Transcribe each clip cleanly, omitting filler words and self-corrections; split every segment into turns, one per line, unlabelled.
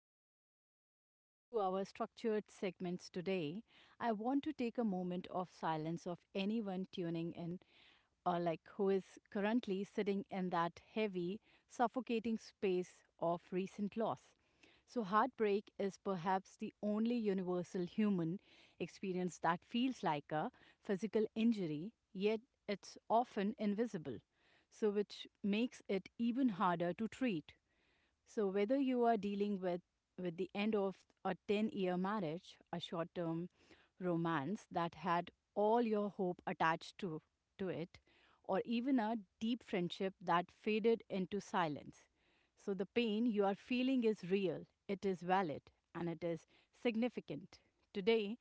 Before we enter into our structured segments today, I want to take a moment of silence of anyone tuning in or who is currently sitting in that heavy, suffocating space of recent loss. So, heartbreak is perhaps the only universal human experience that feels like a physical injury, yet it's often invisible, which makes it even harder to treat. So whether you are dealing with the end of a 10-year marriage, a short-term romance that had all your hope attached to it, or even a deep friendship that faded into silence, the pain you are feeling is real, it is valid, and it is significant. Today,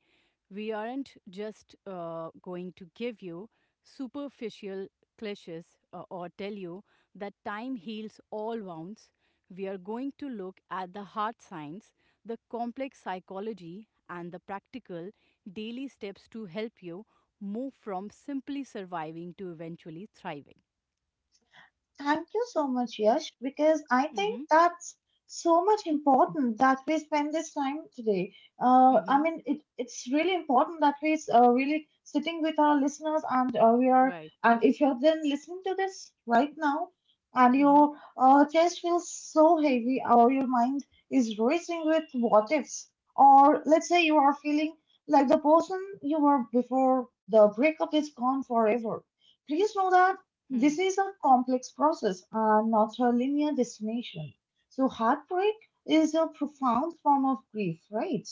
we aren't just going to give you superficial cliches or tell you that time heals all wounds. We are going to look at the hard science, the complex psychology, and the practical daily steps to help you move from simply surviving to eventually thriving.
Thank you so much, Yash, because I
Mm-hmm.
think that's so much important that we spend this time today. Uh, I
Mm-hmm.
mean, it, it's really important that we really sitting with our listeners, and
Right.
and if you're then listening to this right now and
Mm-hmm.
your chest feels so heavy or your mind is racing with what ifs, or let's say you are feeling like the person you were before the breakup is gone forever. Please know that this is a complex process and not a linear destination. So, heartbreak is a profound form of grief, right?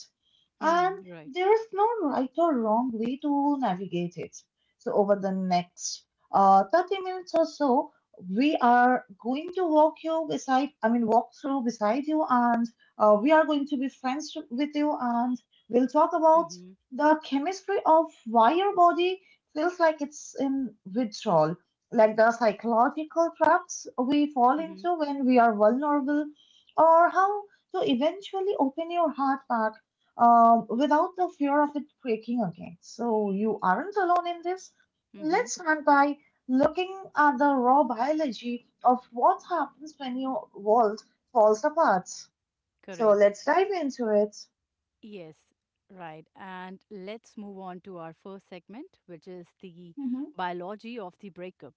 And
Mm, right.
there is no right or wrong way to navigate it. So, over the next 30 minutes or so, we are going to walk you walk through beside you, and we are going to be with you, and we'll talk about
Mm-hmm.
the chemistry of why your body feels like it's in withdrawal, like the psychological traps we fall
Mm-hmm.
into when we are vulnerable, or how to eventually open your heart back without the fear of it breaking again. So, you aren't alone in this.
Mm-hmm.
Let's start by looking at the raw biology of what happens when your world falls apart. So,
Correct.
let's dive into it.
Yes, right. And let's move on to our first segment, which is the
Hmm.
biology of the breakup.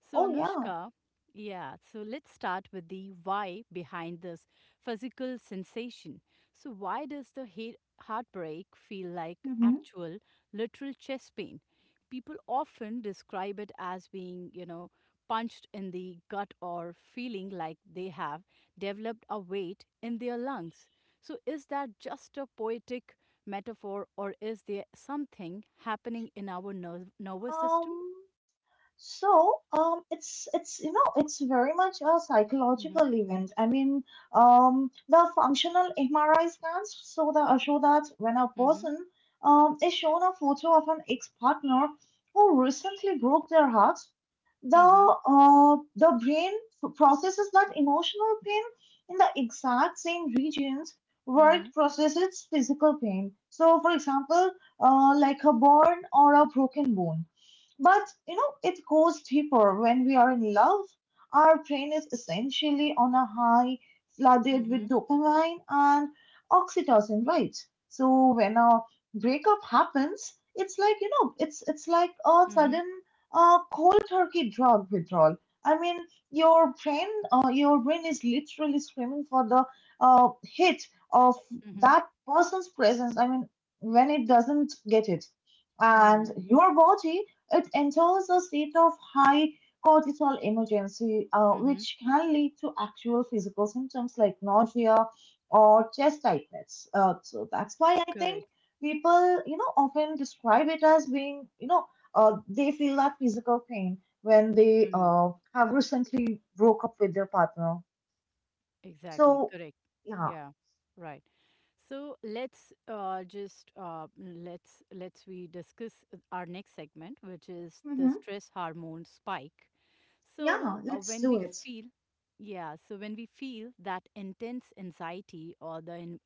So,
Oh, yeah.
Anushka, yeah, so let's start with the why behind this physical sensation. So, why does the heartbreak feel like
Hmm.
actual, literal chest pain? People often describe it as being, you know, punched in the gut or feeling like they have developed a weight in their lungs. So, is that just a poetic metaphor or is there something happening in our nerve nervous system?
Um, it's you know it's very much a
Mm-hmm,
psychological event. I mean, the functional MRI scans show that when a
mm-hmm,
person is shown a photo of an ex-partner who recently broke their heart,
mm-hmm.
the brain processes that emotional pain in the exact same regions
Hı
where
hı.
it processes physical pain. So, for example, like a burn or a broken bone, but you know, it goes deeper. When we are in love, our brain is essentially on a high,
Hı
flooded
hı.
with dopamine and oxytocin, right? So when a breakup happens, it's like you know, it's like a
Hı hı.
sudden cold turkey drug withdrawal. I mean, your your brain is literally screaming for the hit of
Hı hı.
that person's presence. I mean, when it doesn't get it,
Hımm.
and your body, it enters a state of high cortisol emergency,
Hı hı.
which can lead to actual physical symptoms like nausea or chest tightness. So that's why I think
Correct.
people, you know, often describe it as being, you know, they feel that physical pain when they
Mm.
have recently broke up with their partner.
Exactly.
So,
Correct.
yeah.
Yeah. Right. So let's, just, let's we discuss our next segment, which is the
Hmm.
stress hormone spike.
Yeah,
So,
let's do it.
when we feel that intense anxiety or the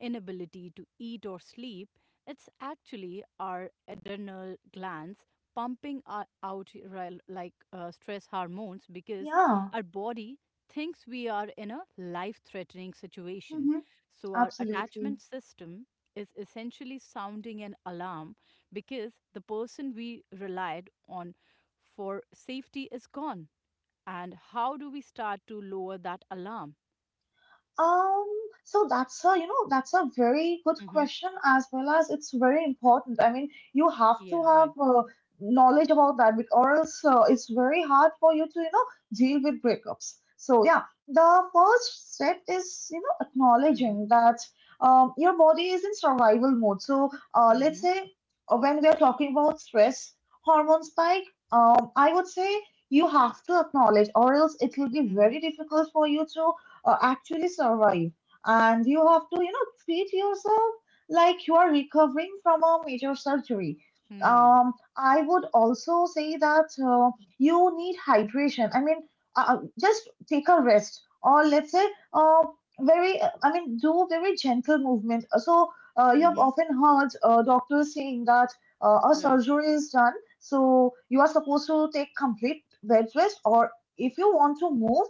inability to eat or sleep, it's actually our adrenal glands pumping out stress hormones because
Yeah.
our body thinks we are in a life threatening situation.
Hmm.
So, our
Absolutely.
attachment system is essentially sounding an alarm because the person we relied on for safety is gone. And how do we start to lower that alarm?
Um, so that's a, you know, that's a very good
Hmm.
question, as well as it's very important. I mean, you have to
Yeah,
have
right.
knowledge about that or else it's very hard for you to, you know, deal with breakups. So yeah, the first step is, you know,
Mm-hmm.
acknowledging that your body is in survival mode. So let's
Mm-hmm.
say when we are talking about stress hormone spike, I would say you have to acknowledge or else it will be very difficult for you to actually survive. And you have to, you know, treat yourself like you are recovering from a major surgery.
Hmm.
I would also say that you need hydration. I mean, just take a rest, or let's say, uh, very, I mean, do very gentle movement. So, you have
Mm-hmm.
often heard doctors saying that a
Right.
surgery is done, so you are supposed to take complete bed rest, or if you want to move,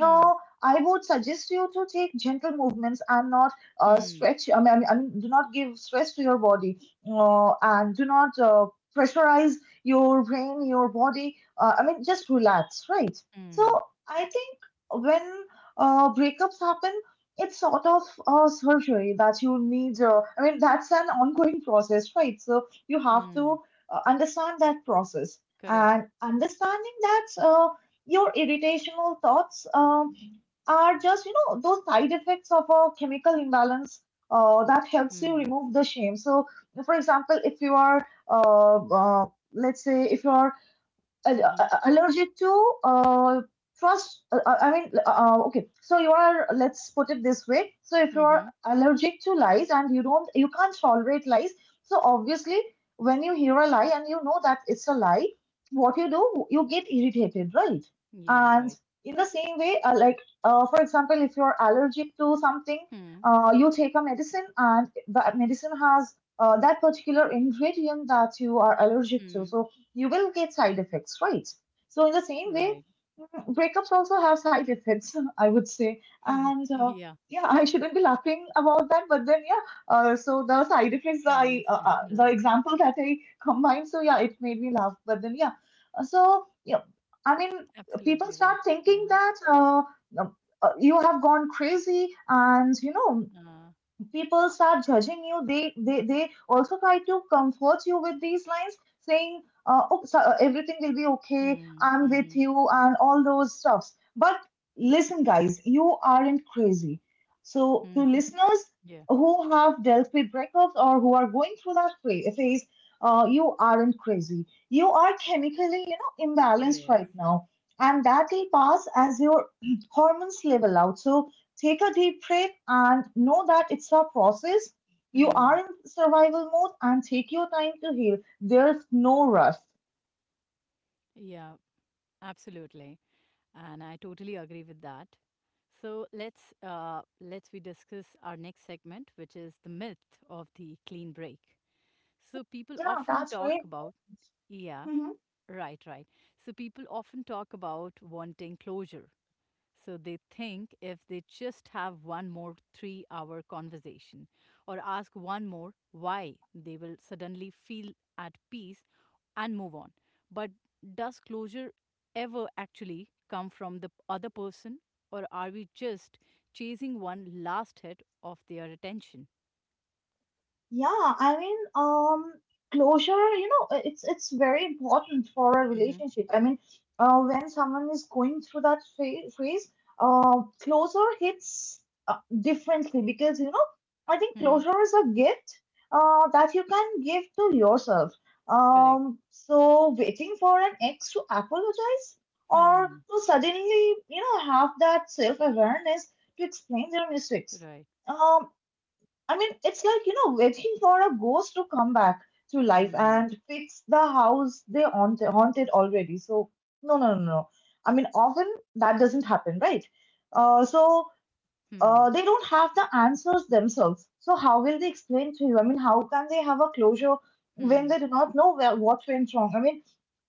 Hmm.
I would suggest you to take gentle movements and not
Hmm.
stretch. I mean, do not give stress to your body, and do not pressurize your brain, your body. I mean, just relax, right? So
Hmm.
I think when breakups happen, it's sort of a surgery that you need. I mean, that's an ongoing process, right? So you have to
Hmm.
understand that process,
Correct.
and understanding that. Your irritational thoughts are just, you know, those side effects of a chemical imbalance that helps you
Hmm.
remove the shame. So, for example, if you are, let's say, if you are
Mm-hmm.
allergic to first I mean okay so you are let's put it this way, so if you are
Mm-hmm.
allergic to lies and you can't tolerate lies, so obviously when you hear a lie and you know that it's a lie, what you do, you get irritated, right?
Yeah,
And
right.
in the same way, like for example, if you're allergic to something,
Hmm.
you take a medicine and the medicine has that particular ingredient that you are allergic
Hmm.
to, so you will get side effects, right? So in the same way,
Right.
breakups also have side effects, I would say.
Hmm.
And
Yeah,
yeah, I shouldn't be laughing about that, but then yeah. So the side effects,
I
that I
understand. Right.
the example that I combined, so yeah, it made me laugh. But then yeah, so yeah, I mean, people
Absolutely right.
start
Yeah.
thinking that um, you have gone crazy, and you know,
Uh,
people start judging you, they also try to comfort you with these lines, saying oh, so, everything will be okay,
hmm.
I'm with
Mm-hmm.
you and all those stuffs. But listen guys, you aren't crazy. So
Hmm.
to listeners
Yeah.
who have dealt with breakups or who are going through that phase, you aren't crazy, you are chemically you know imbalanced
Yes.
right now, and that will pass as your hormones level out. So take a deep breath and know that it's a process. You
Hmm.
are in survival mode, and take your time to heal. There's no rush.
Yeah, absolutely. And I totally agree with that. So let's we discuss our next segment, which is the myth of the clean break. So people
Yeah,
often
that's very
talk about yeah,
important. Mhm.
right, right. So people often talk about wanting closure, so they think if they just have one more 3 hour conversation or ask one more why, they will suddenly feel at peace and move on. But does closure ever actually come from the other person, or are we just chasing one last hit of their attention?
Yeah, I mean, closure, you know, it's very important for a
Mm-hmm.
relationship. I mean, when someone is going through that phase, closure hits differently because, you know, I think
Hmm.
closure is a gift that you can give to yourself.
Correct.
So waiting for an ex to apologize or
Hmm.
to suddenly, you know, have that self-awareness to explain their mistakes.
Right.
Um, I mean, it's like, you know, waiting for a ghost to come back to life
Hmm.
and fix the house they haunted already. So, no, no, no, no. I mean, often that doesn't happen, right? So,
Hmm.
they don't have the answers themselves. So, how will they explain to you? I mean, how can they have a closure when
Hmm.
they do not know what went wrong? I mean,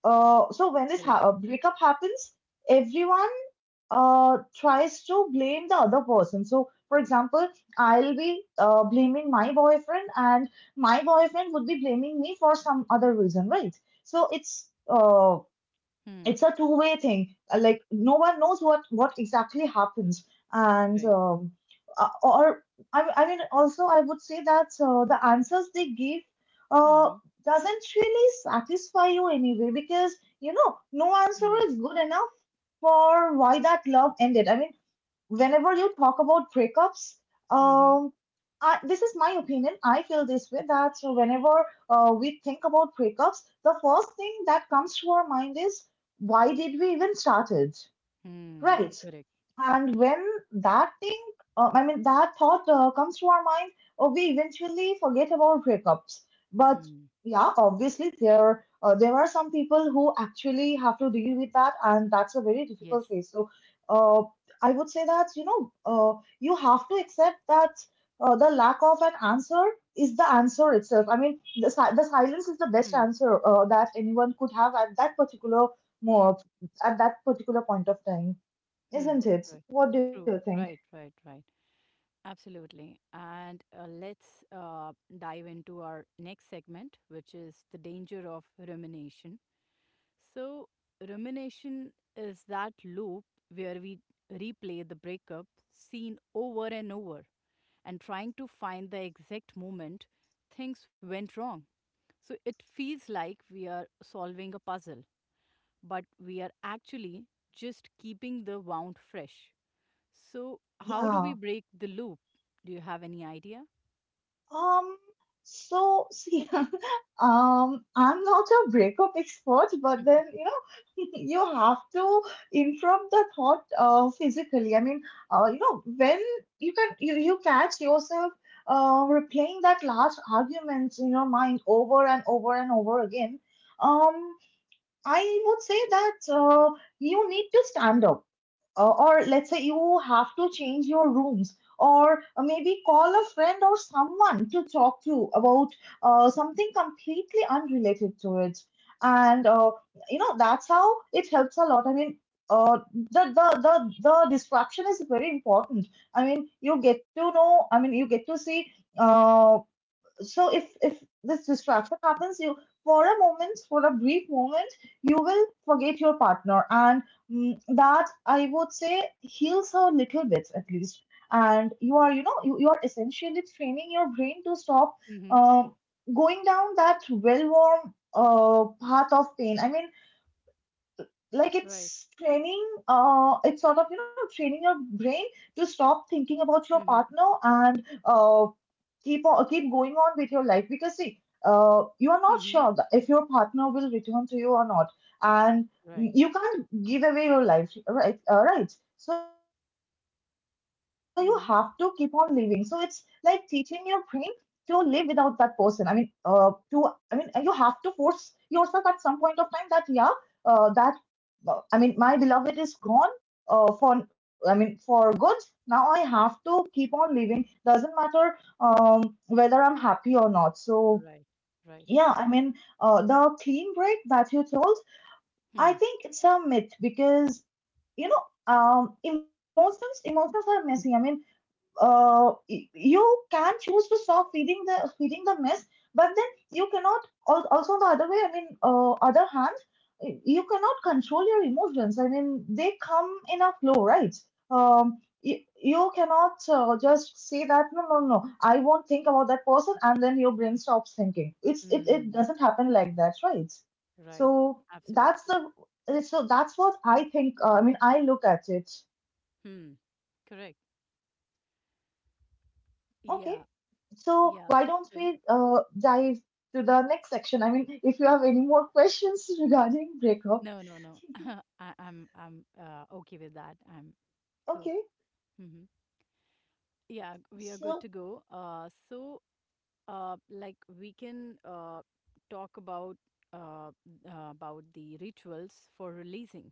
so when
Correct.
breakup happens, everyone tries to blame the other person. So, for example, I'll be blaming my boyfriend, and my boyfriend would be blaming me for some other reason, right? So
Hmm.
it's a two-way thing. Like no one knows what exactly happens, and
Right.
or I mean, also I would say that the answers they give uh,
Hmm.
doesn't really satisfy you anyway, because you know no answer
Hmm.
is good enough for why that love ended. I mean, whenever you talk about breakups,
Hmm.
um, I, this is my opinion. I feel this way, that whenever we think about breakups, the first thing that comes to our mind is why did we even started,
Hmm.
right?
Correct.
And when that thing, that thought comes to our mind, we eventually forget about breakups. But
Hmm.
yeah, obviously there there are some people who actually have to deal with that, and that's a very difficult
Yes.
phase. So, uh, I would say that you know, you have to accept that the lack of an answer is the answer itself. I mean, the silence is the best
Hmm.
answer that anyone could have at that particular mo- at that particular point of time.
Hmm.
Isn't it?
Right.
What do you
True.
think?
Right. Right. Right. Absolutely. And let's dive into our next segment, which is the danger of rumination. So, rumination is that loop where we replay the breakup scene over and over and trying to find the exact moment things went wrong. So, it feels like we are solving a puzzle but we are actually just keeping the wound fresh. So, how do we
Yeah.
break the loop? Do you have any idea?
Um, so see, I'm not a breakup expert, but
Mm-hmm.
then, you know, you have to interrupt the thought physically. I mean, you know, when you catch yourself replaying that last argument in your mind over and over and over again. um, I would say that you need to stand up or let's say you have to change your rooms, or maybe call a friend or someone to talk to about something completely unrelated to it. And you know, that's how it helps a lot. I mean, the distraction is very important. I mean, you get to know, I mean, you get to see. uh, so if this distraction happens, you, for a moment, for a brief moment, you will forget your partner, and that, I would say, heals her a little bit at least. And you are, you know, you are essentially training your brain to stop
Mm-hmm.
um, going down that well worn path of pain. I mean, like,
Right.
it's training, it's sort of, you know, training your brain to stop thinking about your
Mm-hmm.
partner, and keep on, keep going on with your life, because see, you are not
Mm-hmm.
sure that if your partner will return to you or not. And
Right.
you can't give away your life, right? Right, so you have to keep on living. So it's
Mm-hmm.
like teaching your brain to live without that person. I mean, to you have to force yourself at some point of time that yeah, that no, I mean, my beloved is gone for good. Now I have to keep on living. Doesn't matter whether I'm happy or not. So,
Right. Right.
yeah, I mean, the clean break that you told, I
Hmm.
think it's a myth because, you know, emotions are messy. I mean, you can choose to stop feeding the mess, but then you cannot. Also, on the other way, I mean, other hand, you cannot control your emotions. I mean, they come in a flow, right? You cannot just say that no, no, no, I won't think about that person, and then your brain stops thinking. It
Hmm.
doesn't happen like that, right?
Right.
So that's
Absolutely.
the so that's what I think. I mean, I look at it.
Hmm. Correct.
Okay.
Yeah.
So
Yeah.
why don't
So
we dive to the next section? I mean, if you have any more questions regarding breakup,
no, no, no. I'm okay with that. I'm cool.
okay.
Hmm. Yeah, we are good
So
to go. So like we can talk uh, about the rituals for releasing,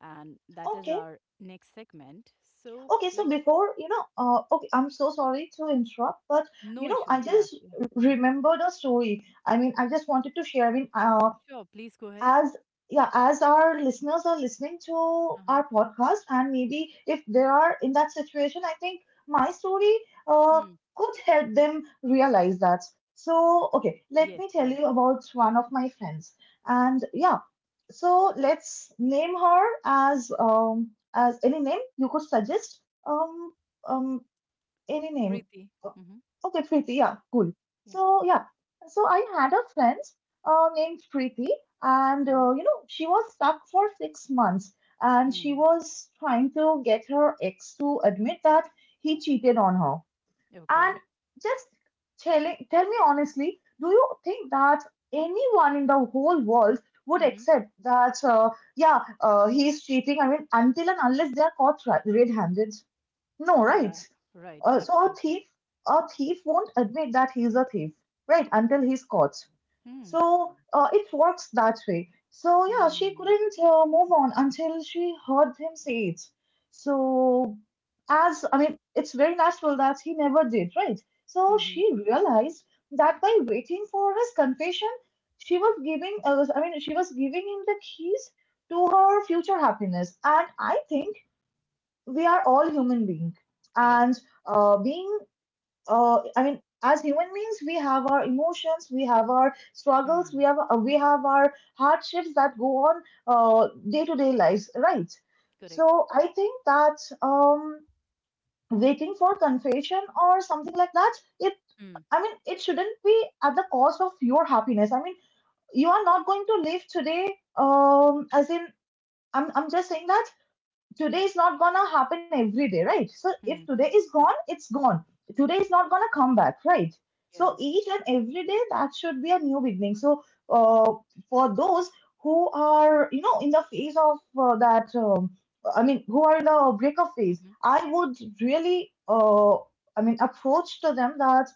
and that is
okay,
our next segment. So, like,
before you know, I'm so sorry to interrupt, but you
no
know, I
issues. Yeah,
just
yeah. Hmm.
remembered a story. I mean, I just wanted to share. I mean,
Sure. Please go ahead.
as yeah, as our listeners are listening to
Uh huh.
our podcast, and maybe if they are in that situation, I think my story uh,
Hmm.
could help them realize that. So okay, let
Yes.
me tell
Right.
you about one of my friends. And yeah, so let's name her as any name you could suggest. um um any name.
Preeti.
Oh,
Mm-hmm.
okay, Preeti. Yeah, cool.
Yeah.
So yeah, so I had a friend named Preeti, and
Mm-hmm.
you know, she was stuck for 6 months, and she
Hmm.
was trying to get her ex to admit that he cheated on her. And
Okay.
just telling, tell me honestly, do you think that anyone in the whole world would
Mm-hmm.
accept that? Yeah, he's cheating. I mean, until and unless they are caught red-handed. No, right.
Yeah. Right.
So
Absolutely.
a thief won't admit that he's a thief, right, until he's caught.
Hmm.
So it works that way. So yeah, she
Hmm.
couldn't move on until she heard him say it. So as I mean, it's very natural that he never did, right? So
Mm-hmm.
she realized that by waiting for his confession, she was giving, she was giving him the keys to her future happiness. And I think we are all human beings,
Right.
and being I mean, as human beings, we have our emotions, we have our struggles,
Hmm.
we have our hardships that go on day-to-day lives, right?
Correct.
So I think that waiting for confession or something like that, it,
Hmm.
I mean, it shouldn't be at the cost of your happiness. I mean, you are not going to live today. As in, I'm just saying that today is not gonna happen every day, right? So if
Hmm.
today is gone,
Yeah.
it's gone. Today is not gonna come back, right? So
Yeah.
each and every day that should be a new beginning. So uh, for those who are, you know, in the phase of I mean, who are in the breakup phase,
Mm-hmm.
I would really I mean, approach to them that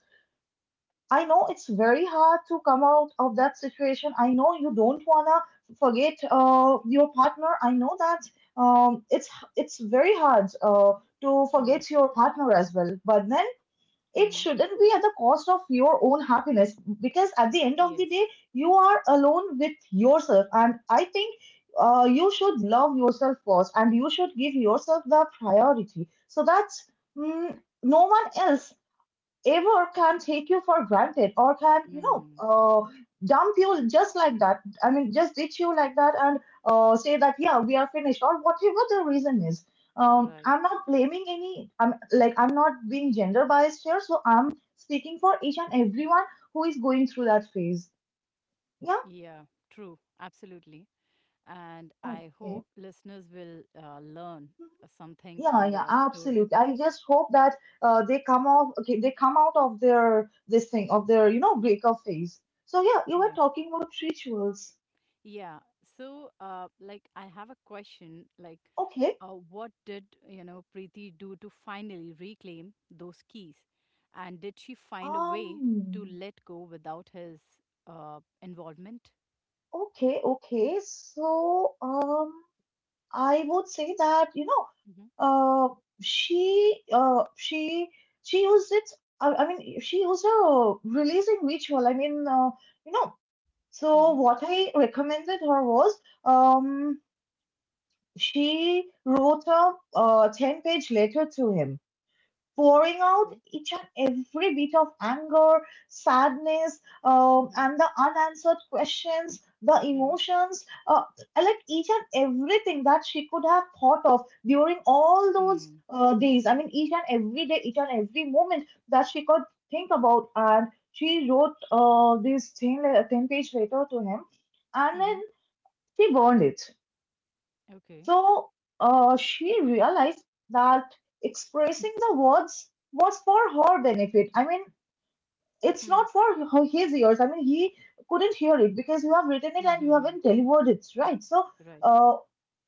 I know it's very hard to come out of that situation. I know you don't wanna forget your partner. I know that um, it's it's very hard to
Hmm.
forget your partner as well. But then it
Mm-hmm.
shouldn't be at the cost of your own happiness, because at the end of
Yes.
the day, you are alone with yourself. And I think you should love yourself first, and you should give yourself the priority so that no one else ever can take you for granted, or can, you know,
Mm,
dump you just like that, I mean, just ditch you like that. And say that yeah, we are finished, or whatever the reason is.
right.
I'm not blaming any, I'm like, I'm not being gender biased here, so I'm speaking for each and everyone who is going through that phase. Yeah,
Yeah, true. Absolutely. And I
okay.
hope listeners will learn something
Yeah,
from
yeah,
your story.
absolutely. I just hope that they come off, okay, they come out of their this thing of their, you know, breakup phase. So yeah, you were
Yeah.
talking about rituals.
Yeah. So, like, I have a question. Like,
Okay.
what did, you know, Preeti do to finally reclaim those keys? And did she find a way to
Um,
let go without his involvement?
okay. So, I would say that, you know,
Mm-hmm.
she, uh, she, she used it. I mean, she used a releasing ritual. I mean, you know, so
Mm-hmm.
what I recommended her was, um, she wrote a, 10-page letter to him, pouring out
Okay.
each and every bit of anger, sadness,
Mm-hmm.
and the unanswered questions, the emotions, like each and everything that she could have thought of during all those
Mm-hmm.
days. I mean, each and every day, each and every moment that she could think about. And she wrote this 10-page letter to him, and then
Mm-hmm.
she burned it.
Okay.
So she realized that expressing the words was for her benefit. I mean, it's
Hmm.
not for her, his ears. I mean, he couldn't hear it because you have written it and you
Mm-hmm.
haven't delivered it, right? So,
Right.
uh,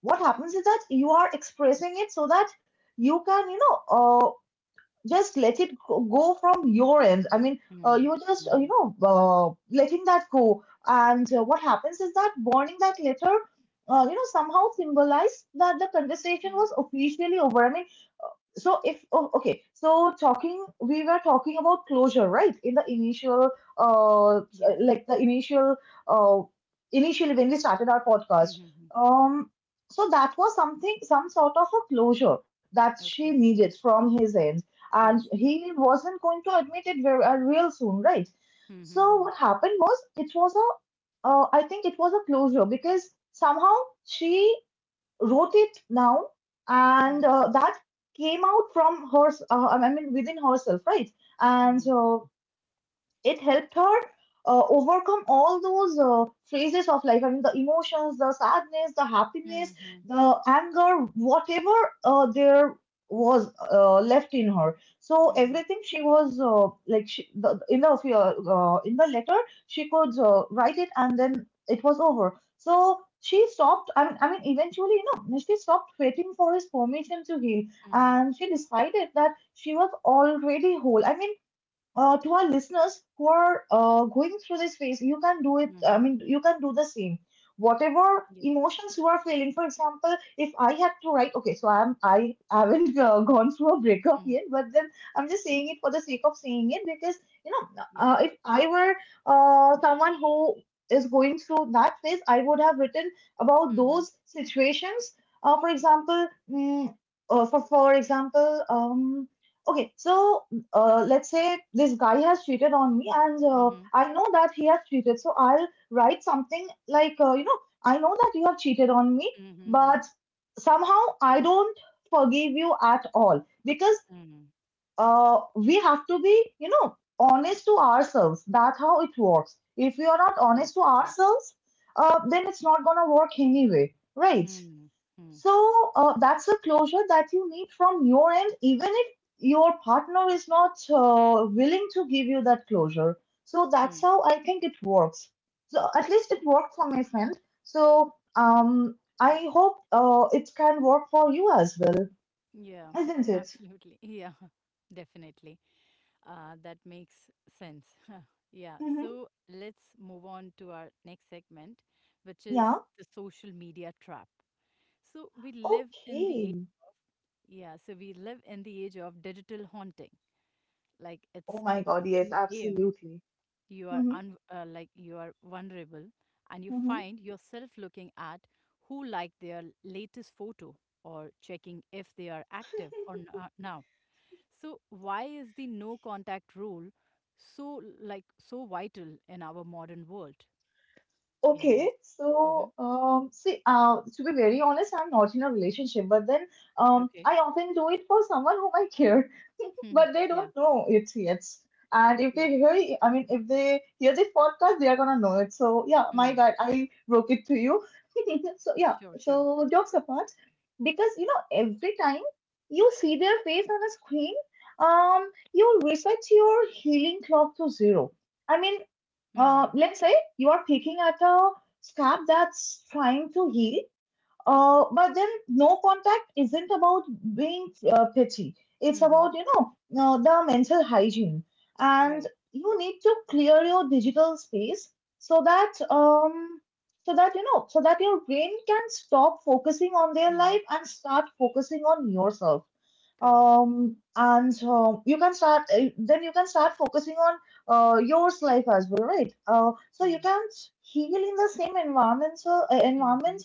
what happens is that you are expressing it so that you can, you know, just let it go from your end. I mean,
Mhm,
you're just, you
mhm.
know, letting that go. And what happens is that burning that letter, you know, somehow symbolized that the conversation
Mm.
was officially over. I mean, so if oh, okay, so talking we were talking about closure, right, in the initial uh
Yes.
like the initial uh initially when we started our
Mhm,
podcast.
mhm.
um so that was something, some sort of a closure that she
Okay.
needed from his end, and
Yes.
he wasn't going to admit it very real soon, right? So
Mhm,
what happened was, it was a I think it was a closure, because somehow she wrote it now, and
mhm.
that came out from her. I mean, within herself, right?
Mhm,
And
mhm.
it helped her overcome all those phases of life. I mean, the emotions, the sadness, the happiness,
Mhm,
the anger, whatever there was left in her. So
mhm.
everything she was in the letter, she could write it, and then it was over. So she stopped. I mean, eventually, you know, she stopped waiting for his permission to heal,
Mhm,
and she decided that she was already whole. I mean, to our listeners who are going through this phase, you can do it. I
mhm.
mean, you can do the same. Whatever
Yes.
emotions you are feeling, for example, if I had to write, okay, so I haven't gone through a breakup
Mhm.
yet, but then I'm just saying it for the sake of saying it, because you know,
Yeah.
if I were someone who is going through that phase, I would have written about
Mhm,
those situations. For example, for example, okay, so let's say this guy has cheated on me, and
mhm.
I know that he has cheated. So I'll write something like, you know, I know that you have cheated on me,
Mhm, mhm.
but somehow I don't forgive you at all, because
Mhm.
we have to be, you know, honest to ourselves. That's how it works. If we are not
Yes,
honest to
right.
ourselves, then it's not going to work anyway, right?
Mhm, mhm.
So that's the closure that you need from your end, even if your partner is not willing to give you that closure. So that's
Mhm.
how I think it works. So at least it worked for my friend. So I hope it can work for you as well,
Yeah,
isn't it?
absolutely. Yeah, definitely. That makes sense. Yeah.
Hmm.
So let's move on to our next segment, which is
Yeah.
the social media trap. So we live in the age
Okay.
of yeah. So we live in the age of digital haunting. Like
Oh
it's
my
it's
God. Yes,
two a.m.
absolutely.
You are
Hmm.
un like you are vulnerable, and you
Hmm.
find yourself looking at who liked their latest photo or checking if they are active or not now. So why is the no contact rule so vital in our modern world? Any
Okay,
idea? Hmm.
so see, to be very honest, I'm not in a relationship, but then
Okay.
I often do it for someone whom I care,
Hmm.
but they
Yeah.
don't know it yet. And if
Yes.
they hear, if they hear this podcast, they are gonna know it. So yeah, my
Hmm.
bad, I broke it to you. So yeah,
Sure. Sure.
so jokes apart, because you know, every time you see their face on a screen, you reset your healing clock to zero. I mean,
Hmm.
let's say you are picking at a scab that's trying to heal, but then no contact isn't about being petty. It's
Hmm.
about, the mental hygiene. And
Right.
you need to clear your digital space so that, so that, you know, so that your brain can stop focusing on their
Hmm.
life and start focusing on yourself
Correct.
and you can start then you can start focusing on your life as well, right? So you
Hmm.
can't heal in the same environment. So,
Hmm.
environment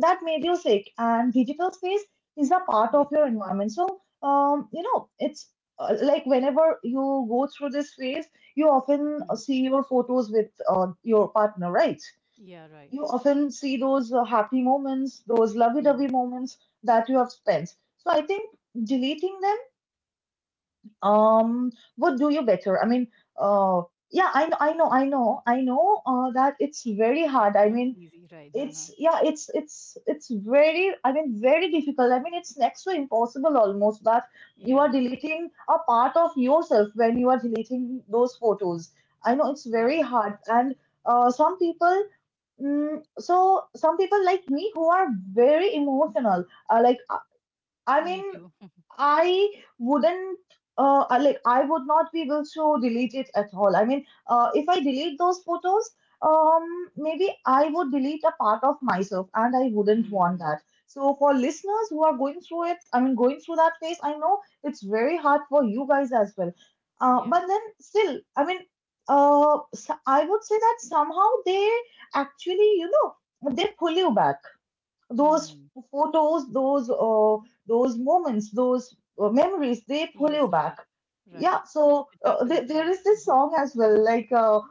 that made you sick, and digital space is a part of
Yes.
your environment. So um you know it's uh, like, whenever you go through this phase you often
Hmm.
see your photos with your partner, right?
Yeah. Right.
You often see those happy moments, those
Hmm.
lovey-dovey moments that you have spent. So I think deleting them um would do you better. I mean, uh yeah, I know, that it's very hard.
It's
I
not
mean,
easy. Right. Uh-huh.
it's yeah, it's very, I mean, very difficult. I mean, it's next to impossible, almost, that you are
Yeah.
deleting a part of yourself when you are deleting those photos. I know it's
Yeah.
very hard, and uh, some people some people like me who are very emotional, like, I
Me
mean,
too.
I wouldn't I would not be able to delete it at all. I mean, if I delete those photos, maybe I would delete a part of myself, and I wouldn't want
Hmm.
that. So for listeners who are going through it, I mean, going through that phase, I know it's very hard for you guys as well.
Yeah.
But then still, I mean, I would say that somehow they actually, they pull you back, those
Hmm.
photos, those moments, those memories, they pull you
Yes.
back.
Right. Right.
Yeah, so
It happens.
there
Right.
is this
Hmm.
song as well, like, uh,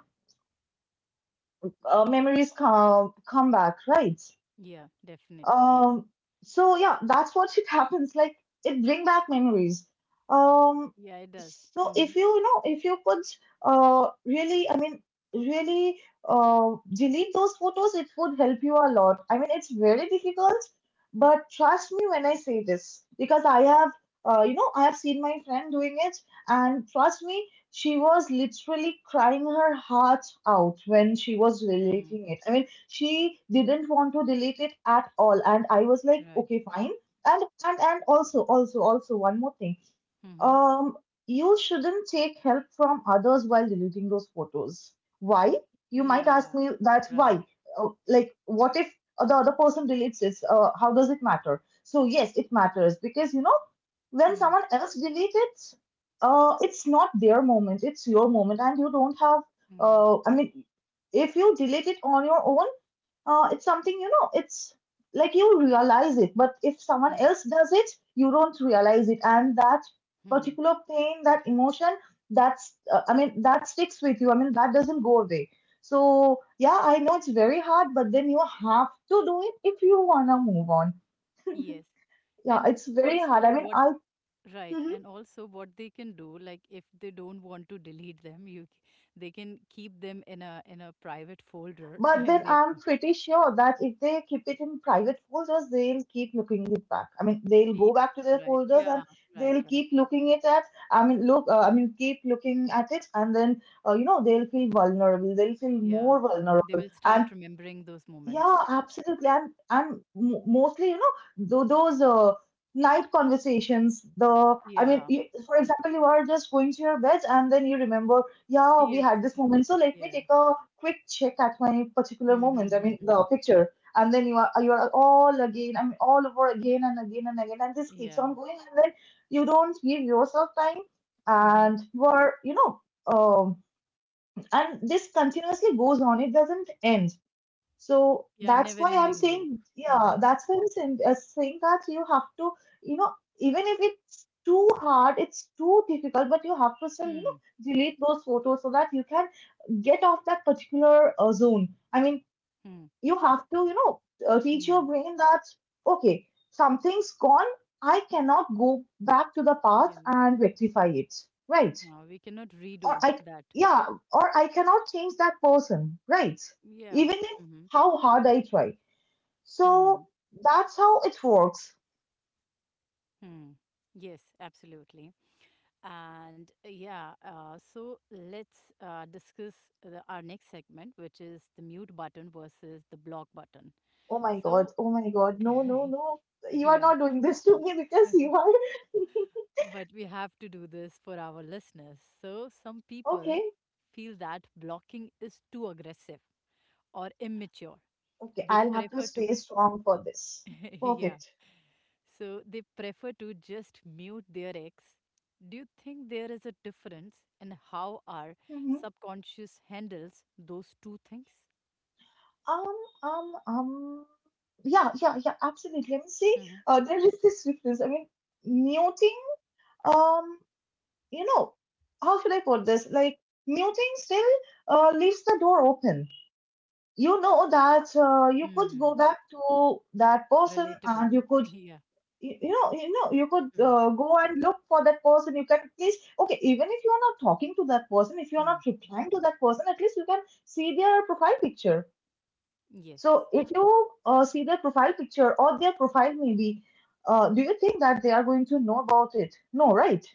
uh, memories come back, right?
Yeah. Definitely. Yes.
Um, so yeah, that's what it happens. Like, it bring back memories. Um,
Yeah. It does.
so
Hmm.
if you could, really, I mean, really, delete those photos, it would help you a lot. I mean, it's very difficult, but trust me when I say this, because I have seen my friend doing it, and trust me, she was literally crying her heart out when she was
Mm,
deleting it. I mean, she didn't want to delete it at all, and I was like,
right.
okay, fine. And also one more thing.
Mm-hmm.
um you shouldn't take help from others while deleting those photos. Why? You might ask
Yeah,
me that, why?
right.
Like, what if the other person deletes it? How does it matter? So yes, it matters, because when
Hmm.
someone else deletes it, it's not their moment, it's your moment, and you don't have
Hmm.
I mean, if you delete it on your own, it's something, you know it's like you realize it. But if someone
Hmm.
else does it, you don't realize it, and that
Hmm.
particular pain, that emotion, that's I mean, that sticks with you. I mean, that doesn't go away. So yeah, I know it's very hard, but then you have to do it if you want to move on.
Yes.
Yeah,
And
it's very hard.
also
I mean, I Mhm.
what they can do, like if they don't want to delete them, they can keep them in a private folder
But then
in their
I'm
phone.
pretty sure that if they keep it in private folders, they'll keep looking it back. I mean, they'll
Yeah,
go back to their
right.
folders, and
Yeah, right,
they'll
right.
keep looking it at. I mean, look. I mean, keep looking at it, and then they'll feel vulnerable. They'll feel more
Yeah. They
vulnerable,
will
and
start remembering those
yeah,
moments.
absolutely. I'm mostly, those night conversations. I mean,
Yeah.
you, for example, you are just going to your bed, and then you remember, yeah, we
Yes.
had this moment. So let me take
Yeah.
a quick check at my particular moment. I mean,
Mm-hmm.
the picture. And then you are, all again, I mean, all over again and again and again. And this keeps
Yeah.
on going. And then you don't give yourself time,
Mm-hmm.
and you are, you know, um, and this continuously goes on. It doesn't end. So
Yeah, never ending loop.
that's why I'm saying, that you have to, you know, even if it's too hard, it's too difficult, but you have to still,
Mm-hmm.
delete those photos so that you can get off that particular zone. I mean,
Hmm.
you have to, teach your
Hmm.
brain that, okay, something's gone. I cannot go back to the past
Yeah.
and rectify it, right?
We cannot
Or
redo
I,
that.
yeah, or I cannot change that person, right?
Yeah.
Even if
Mm-hmm.
how hard I try. So
Hmm.
that's how it works.
Hmm. Yes, absolutely. And so let's discuss our next segment, which is the mute button versus the block button. So,
Oh my god, no, no, no. You are
yeah,
not doing this to me, because you are.
but we have to do this for our listeners. So, some people
Okay,
feel that blocking is too aggressive or immature.
okay,
They
I'll have to
prefer to
stay strong for this.
yeah.
Perfect.
So they prefer to just mute their ex. Do you think there is a difference in how our
Mhm.
subconscious handles those two things?
Um, um, um, yeah, yeah, yeah, absolutely. Let me see.
Hmm.
There is this difference. I mean, muting, um, you know, how should I put this? Like, muting still leaves the door open. You know that you could go
Mm.
back to that person, and
Relatable.
you could
Yeah.
you, you know you know you could
Mm.
go and look for that person. You can at least, okay, even if you are not talking to that person, if you are not
Mm.
replying to that person, at least you can see their profile picture.
Yes.
So if you see their profile picture or their profile maybe, do you think that they are going to know about it? No, right?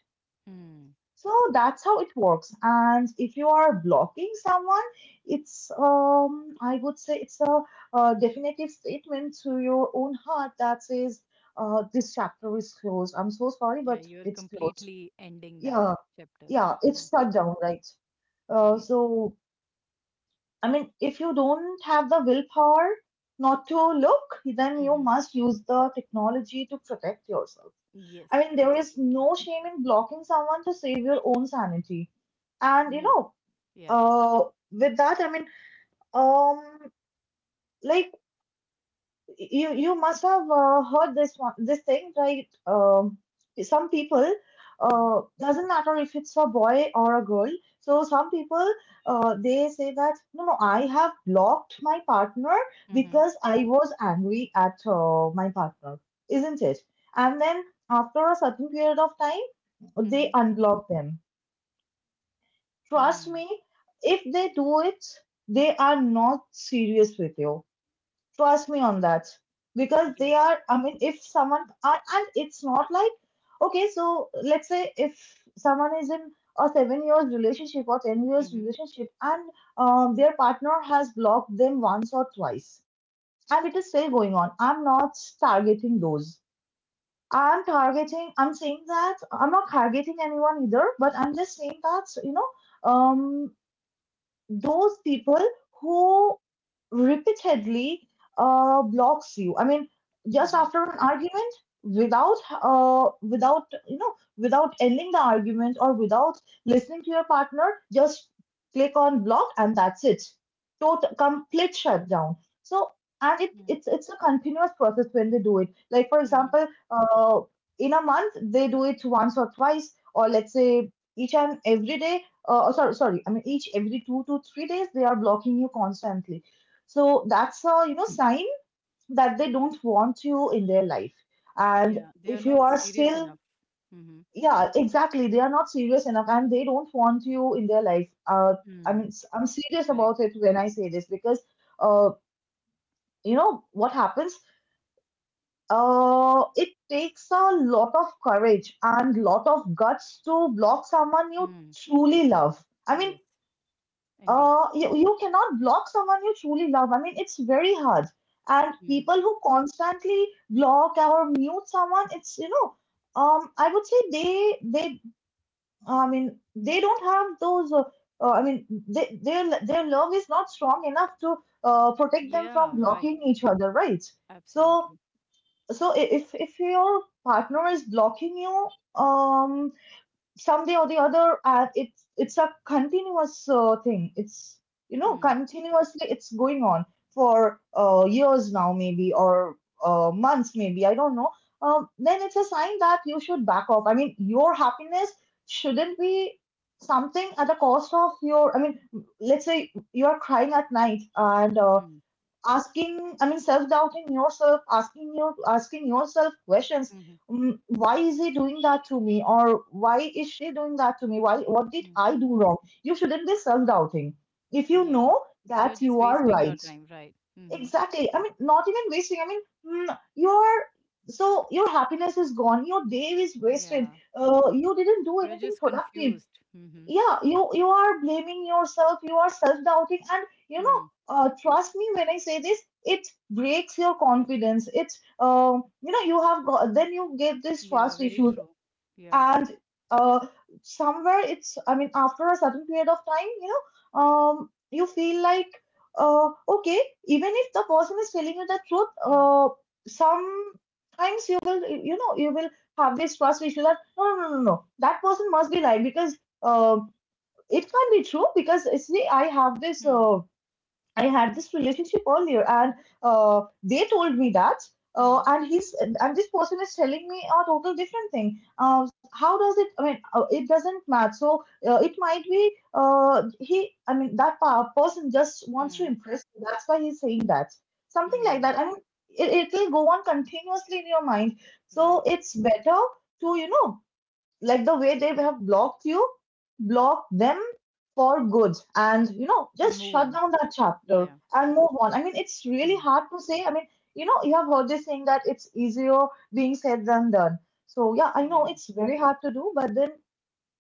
Mm.
So that's how it works. And if you are blocking someone, it's I would say it's a, definitive statement to your own heart that says, this chapter is closed. I'm so sorry,
Yeah,
but
you're
it's closed.
completely ending that
Yeah,
chapter.
yeah, it's
Hmm.
shut down, right?
Yes.
So I mean, if you don't have the willpower not to look, then you
Hmm.
must use the technology to protect yourself. I
Yes,
mean, there is
absolutely.
no shame in blocking someone to save your own sanity. And
No. Yeah.
uh, with that, I mean, um, like, you must have heard this one this thing, right? Some people,
Mm-hmm.
doesn't matter if it's a boy or a girl, so some people, they say that, no, no, I have blocked my partner
Mm-hmm.
because I was angry at my partner, isn't it? And then, after a certain period of time, they
Mm-hmm.
unblock them. Trust me,
Mm.
if they do it, they are not serious with you. Trust me on that. Because
Yes.
I mean, if someone, and it's not like, okay, so let's say if someone is in a 7 years relationship or 10 years
Mm-hmm.
relationship, and their partner has blocked them once or twice, and it is still going on, I'm not targeting those. I'm saying that, I'm not targeting anyone either, but I'm just saying that, um those people who repeatedly blocks you. I mean, just
Mm-hmm.
after an argument, without without you know, without ending the argument, or without listening to your partner, just click on block, and that's it. Total complete shutdown. So, and it's a continuous process when they do it. Like, for
Mm-hmm.
example, in a month they do it once or twice, or let's say each and every day. Oh, sorry, sorry. I mean, each every 2 to 3 days they are blocking you constantly. So that's a, sign that they don't want you in their life. And
Yeah, they
if
are
you
not
are
serious
still,
enough. Mm-hmm.
yeah, exactly, they are not serious enough, and they don't want you in their life. I mean,
Mm,
I'm serious
correct.
about it when I say this, because, uh, you know what happens? It takes a lot of courage and lot of guts to block someone you
Mm,
truly love. I mean,
yes, indeed.
you cannot block someone you truly love. I mean, it's very hard. And
Mm.
people who constantly block or mute someone, I would say I mean, they don't have those, I mean, their love is not strong enough to protect them from
Yeah, right.
blocking each other, right? So,
Absolutely.
if if your partner is blocking you, um, someday or the other it's a continuous thing. It's you know
Mm,
Continuously it's going on for years now, maybe, or months maybe, I don't know. Then it's a sign that you should back off. I mean, your happiness shouldn't be something at the cost of your, I mean, let's say you're crying at night and
mm,
asking, I mean, self doubting yourself, asking yourself questions.
mm-hmm,
Why is he doing that to me, or why is she doing that to me, why, what did
mm.
I do wrong? You shouldn't be self doubting if you know
Yeah. You're
that you
just
are
wasting your
right.
time, right? Mm-hmm.
Exactly. I mean, not even wasting, I mean, you are, so your happiness is gone, your day is wasted,
Yeah.
you didn't do
You're
anything
just
productive.
confused. Mm-hmm.
Yeah, you are blaming yourself, you are self-doubting, and you know,
Mm.
trust me when I say this, it breaks your confidence. It's you have got, then you get this
Yeah,
trust
very
issues.
true. Yeah.
And uh, somewhere it's, I mean, after a certain period of time, you know, you feel like, okay, even if the person is telling you the truth,
Mm,
sometimes you will, you know, you will have this trust issue that no, no, no, no, no, that person must be lying, because Uh, it can't be true because see, I have this,
mm,
I had this relationship earlier, and they told me that,
mm,
and he's, and this person is telling me a total different thing. How does it? I mean, it doesn't match. So it might be he. I mean, that person just wants to
mm,
impress you, that's why he's saying that. Something like
mm.
that, I mean, it will go on continuously in your mind. So
Right.
it's better to, you know, like the way they have blocked you, block them for good, and you know,
And
just
move
shut
on.
down that chapter
Yeah.
and move on. I mean, it's really
Mm.
hard to say, I mean, you know, you have heard this saying that it's easier being said than done. So yeah, I know
Yeah.
it's very hard to do, but then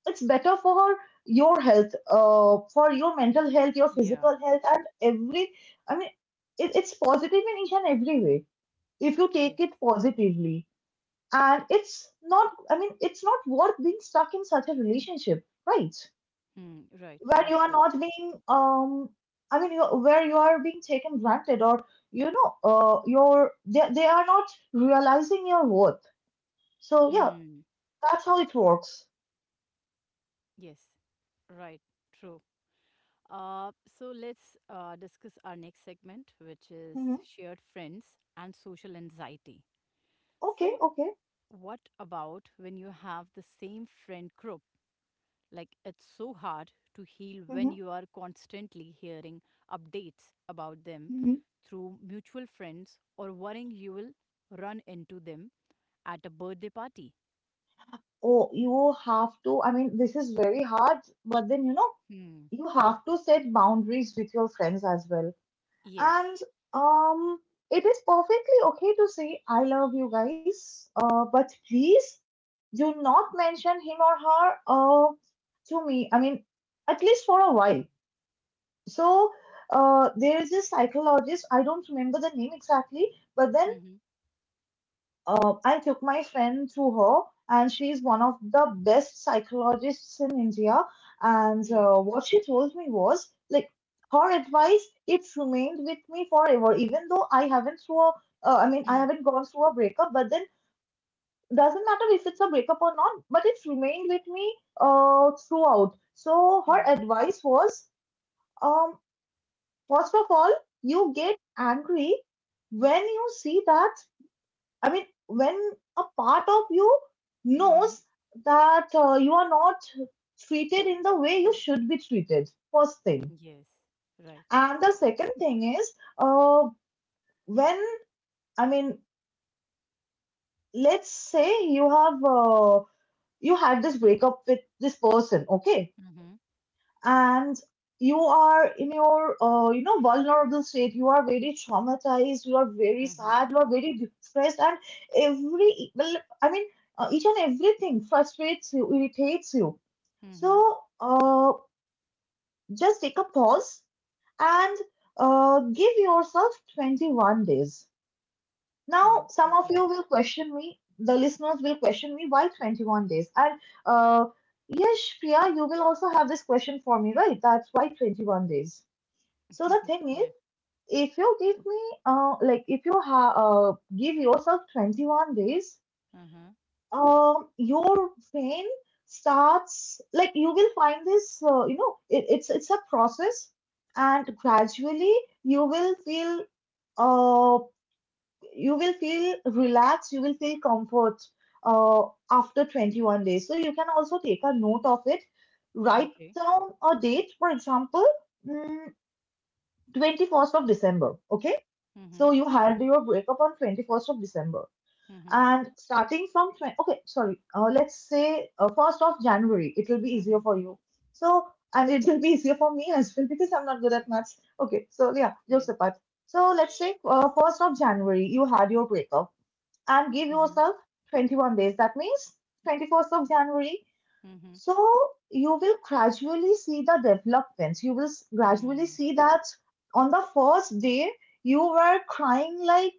it's better for your health, for your mental health, your
Yeah.
physical health, and every, I mean, it's positive in each and every way if you
Yes.
take it positively. And it's not, I mean, it's not worth being stuck in such a relationship, right,
Mm, right.
where you are not
Absolutely.
being, um, I mean, you where you are being taken granted, or you know, your, they are not realizing your worth. So yeah,
Hmm.
that's how it works.
Yes, right, true. So let's discuss our next segment, which is
Hmm,
shared friends and social anxiety.
okay,
So,
okay.
what about when you have the same friend group? Like, it's so hard to heal when
Hmm.
you are constantly hearing updates about them
Hmm.
through mutual friends or worrying you will run into them at a birthday party.
Oh, you have to, I mean, this is very hard, but then you know,
Hmm.
you have to set boundaries with your friends as well.
Yes.
And um, it is perfectly okay to say, I love you guys, but please do not mention him or her to me, I mean, at least for a while. So there is this psychologist, I don't remember the name exactly, but then
Mm-hmm.
I took my friend to her, and she is one of the best psychologists in India. And what she told me was like, her advice, it remained with me forever, even though I haven't through a, I mean, I haven't gone through a breakup, but then doesn't matter if it's a breakup or not, but it's remained with me throughout. So her advice was, um, first of all, you get angry when you see that, I mean, when a part of you
Mm-hmm.
knows that you are not treated in the way you should be treated, first thing.
Yes. Right.
And the second thing is, uh, when, I mean, let's say you have, you had this breakup with this person, okay?
Mm-hmm.
And you are in your you know vulnerable state, you are very traumatized, you are very
Mm-hmm.
sad, you are very depressed, and every, well, I mean, each and everything frustrates you, irritates you.
Mm-hmm.
So just take a pause and give yourself 21 days. Now,
Hmm.
some of you
Okay.
will question me, the listeners will question me, why 21 days? And uh, yes, Priya, you will also have this question for me, right? That's why 21 days. So the thing is,
Yeah.
if you give me, like, if you give yourself 21 days,
Uh-huh.
your brain starts, like, you will find this, you know, it's a process, and gradually you will feel, uh, you will feel relaxed, you will feel comfort uh, after 21 days. So you can also take a note of it, write
Okay.
down a date, for example, mm, 21st of December. Okay,
Mm-hmm.
so you had your breakup on 21st of December.
Mm-hmm.
And starting from, 20, okay, sorry, let's say 1st of January, it will be easier
Mm-hmm.
for you. So, and it will be easier for me as well because I'm not good at maths. Okay, so yeah,
Yeah.
jokes apart. So let's say 1st of January, you had your breakup and give
Mm-hmm.
yourself 21 days. That means 21st of January.
Mm-hmm.
So you will gradually see the developments. You will gradually
Hmm.
see that on the first day you were crying like,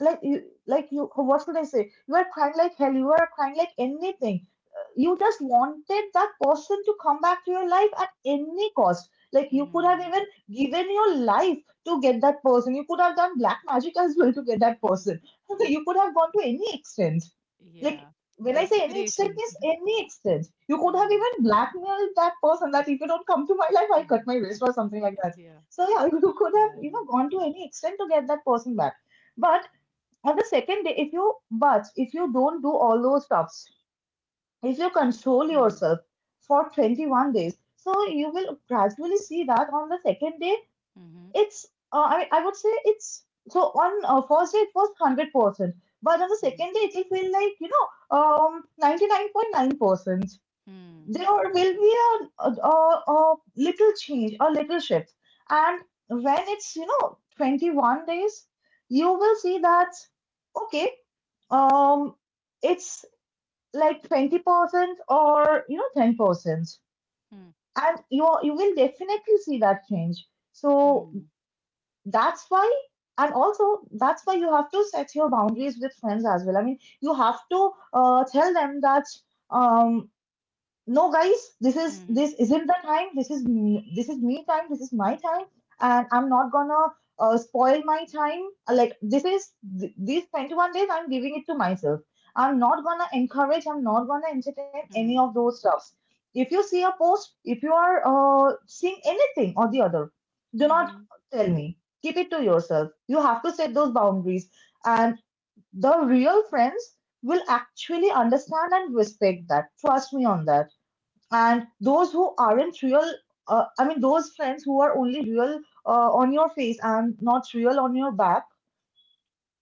like you what should I say? You were crying like hell. You were crying like anything. You just wanted that person to come back to your life at any cost. Like, you could have
Hmm.
even given your life to get that person. You could have done black magic as well to get that person. You could have gone to any extent. Like,
Yeah.
when I say any extent
Desperation.
means any extent. You could have
Uh,
even blackmailed that person that if you don't come to my life, I cut my
uh,
wrist or
uh,
something like that.
Yeah.
So yeah, you could
Yeah.
have, you know,
Right.
gone to any extent to get that person back. But on the second day, if you, but if you don't do all those stuffs, if you control
Hmm.
yourself for 21 days. So you will gradually see that on the second day,
Mm-hmm.
it's, I would say it's, so on first day it was 100%, but on the
Mm-hmm.
second day it will feel like, you know, 99.9%.
Hmm.
There will be a little change, a little shift. And when it's, you know, 21 days, you will see that, okay, um, it's like 20%, or you know, 10%,
Hmm.
and you are, you will definitely see that change. So
Hmm.
that's why, and also that's why you have to set your boundaries with friends as well. I mean, you have to tell them that, um no guys,
Hmm.
this isn't the time, this is me time, this is my time, and I'm not gonna spoil my time. Like this is these 21 days, I'm giving it to myself. I'm not gonna encourage, I'm not gonna entertain any of
Hmm.
those stuffs. If you see a post, if you are seeing anything or the other, do not
Mhm.
tell me, keep it to yourself. You have to set those boundaries. And the real friends will actually understand and respect that, trust me on that. And those who aren't real, I mean those friends who are only real on your face and not real on your back,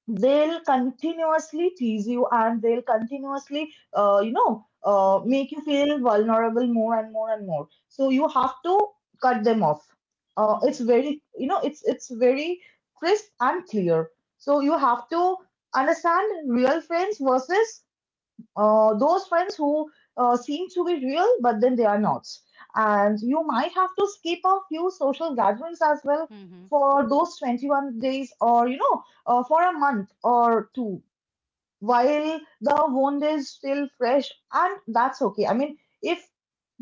they'll continuously tease you, and they'll continuously
Mhm.
make you feel vulnerable, more and more and more. So you have to cut them off. It's
Yes.
very, you know, it's very crisp and clear. So you have to understand real friends versus those friends who seem to be real, but then they are not. And you might have to skip a few social gatherings as well
Mm-hmm.
for those 21 days, or, you know, for a month or two, while the wound is still fresh. And that's okay. I mean, if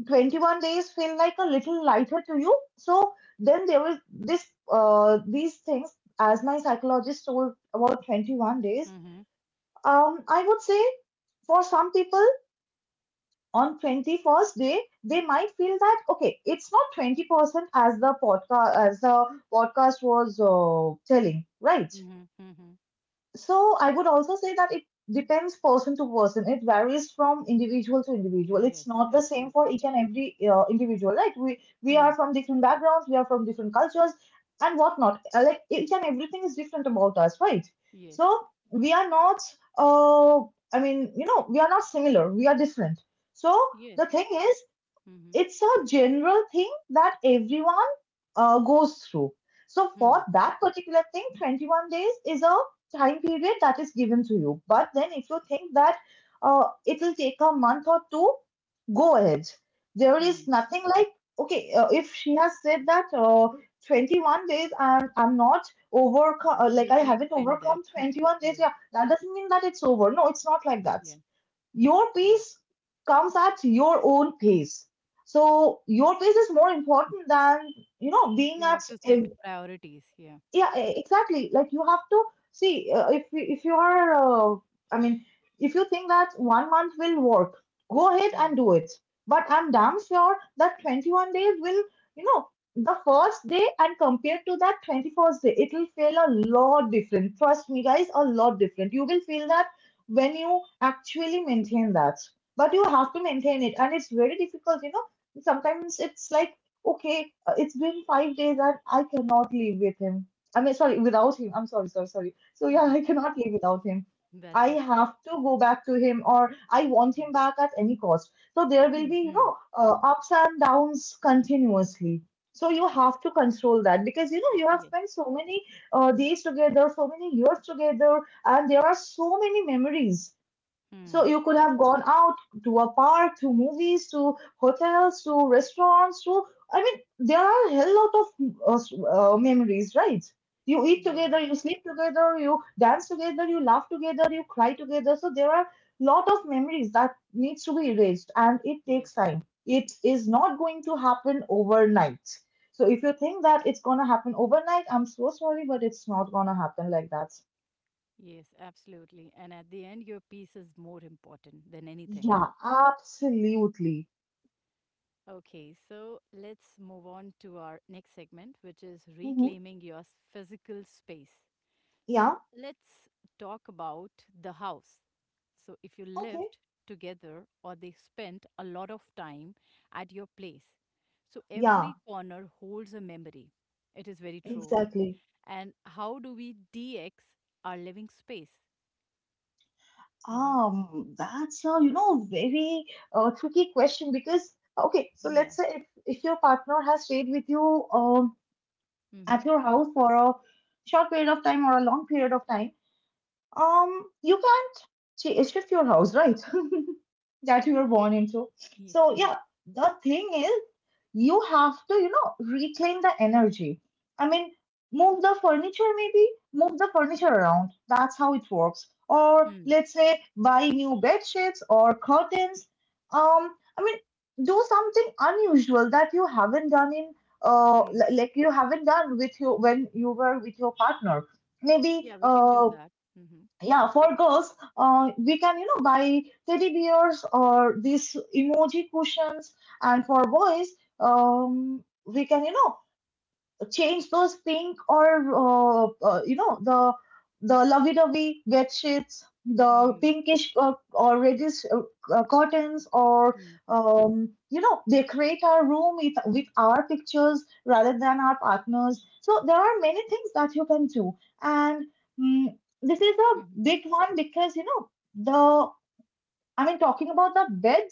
21 days feel like a little lighter to you, so then there will this, these things, as my psychologist told about 21 days,
Mm-hmm.
I would say for some people on 21st day they might feel that okay, it's not 20% as the podcast was telling, right?
Mm-hmm. Mm-hmm.
So I would also say that it depends person to person. It varies from individual to individual. It's
Yes.
not the same for
Absolutely.
each and every individual. Like, we are
Hmm.
from different backgrounds, we are from different cultures, and whatnot. Like each and everything is different about us, right?
Yes.
So we are not. Uh, I mean, you know, we are not similar. We are different. So
Yes.
the thing is,
Mm-hmm.
it's a general thing that everyone goes through. So for
Hmm.
that particular thing, 21 days is a time period that is given to you. But then if you think that it will take a month or two, go ahead. There is
Hmm.
nothing like, okay, if she has said that 21 days I'm not overcome, like
You
I
can
haven't
extend
overcome
that.
21 days,
Yeah.
yeah, that doesn't mean that it's over. No, it's not like that.
Yeah.
Your
Right.
pace comes at your own pace. So your pace is more important than being
You
at.
have to set priorities. Yeah.
Exactly, like you have to see, if you are i mean if you think that 1 month will work, go ahead
Hmm.
and do it. But I'm damn sure that 21 days will, you know the first day and compared to that 21st day, it will feel a lot different. Trust me guys, a lot different. You will feel that when you actually maintain that. But you have to maintain it and it's very difficult, you know. Sometimes it's like, okay, it's been 5 days and I cannot live with him. I mean, sorry, without him. I'm sorry, sorry, sorry. So yeah,
Mhm.
I cannot live without him.
That's
I
okay.
have to go back to him, or I want
Yeah.
him back at any cost. So there will be,
Hmm.
ups and downs continuously. So you have to control that, because you know you have
Yes.
spent so many days together, so many years together, and there are so many memories. So
Hmm.
you could have gone out to a park, to movies, to hotels, to restaurants, to, I mean, there are a hell lot of memories, right? You eat
Yeah.
together, you sleep together, you dance together, you laugh together, you cry together. So there are lot of memories that needs to be erased, and it takes
Yes.
time. It is not going to happen overnight. So if you think that it's gonna happen overnight, I'm so sorry, but it's not gonna happen like that.
Yes. Absolutely. And at the end, your piece is more important than anything.
Yeah, absolutely.
Okay, so let's move on to our next segment, which is
Hmm.
reclaiming your physical space.
Yeah.
So let's talk about the house. So if you
Okay.
lived together or they spent a lot of time at your place. So
Yeah,
every corner holds a memory. It is very true.
exactly.
And how do we DX our living space? Mm-hmm.
That's a, you know, very tricky question because, okay, so
Yeah.
let's say if, your partner has stayed with you
Mm-hmm.
at your house for a short period of time or a long period of time, you can't ch- shift your house, right? That you were born into.
Yeah. Yeah.
So yeah, the thing is you have to, you know, reclaim the energy. I mean, move the furniture maybe, move the furniture around. That's how it works. Or
Hmm.
let's say buy new bed sheets or curtains. Um, I mean, do something unusual that you haven't done in,
Hmm.
li- like you haven't done with you when you were with your partner.
Yeah,
Maybe
we can do that. Mm-hmm.
yeah, for girls, we can, you know, buy teddy bears or these emoji cushions, and for boys, we can, you know, change those things, or you know, the lovey-dovey bed sheets, the
Hmm.
pinkish or reddish curtains, or
Hmm.
you know, decorate our room with, our pictures rather than our partners. So there are many things that you can do. And mm this is
Mm-hmm.
a big one because you know the, I mean, talking about the bed,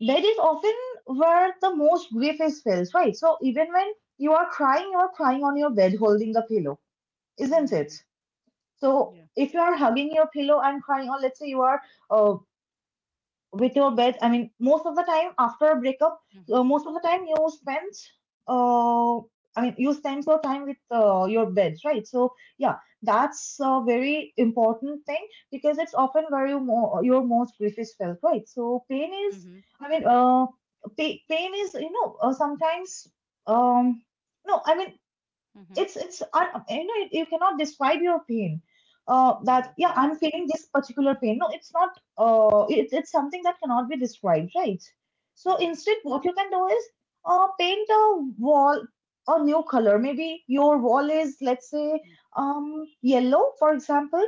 that is often where the most grief is felt, right? So even when you are crying on your bed holding the pillow, isn't it?
Hmm.
So
Yeah.
if you are hugging your pillow and crying, or let's say you are uh, with your best, I mean, most of the time after a breakup,
Mm-hmm.
most of the time you spend, uh, you spend your time with your bed, right? So yeah, that's a very important thing because it's often where you mo- your most grief is felt, right? So pain is,
Mm-hmm.
i mean uh, pain is, you know, sometimes, um no I mean
Mm-hmm.
it's un- you know, you cannot describe your pain.
Yeah.
That, yeah,
Right.
I'm feeling this particular pain, no it's not, it's it's something that cannot be described, right? So
Right.
instead what you can do is, paint a wall a new color. Maybe your wall is, let's say,
Hmm.
yellow, for example,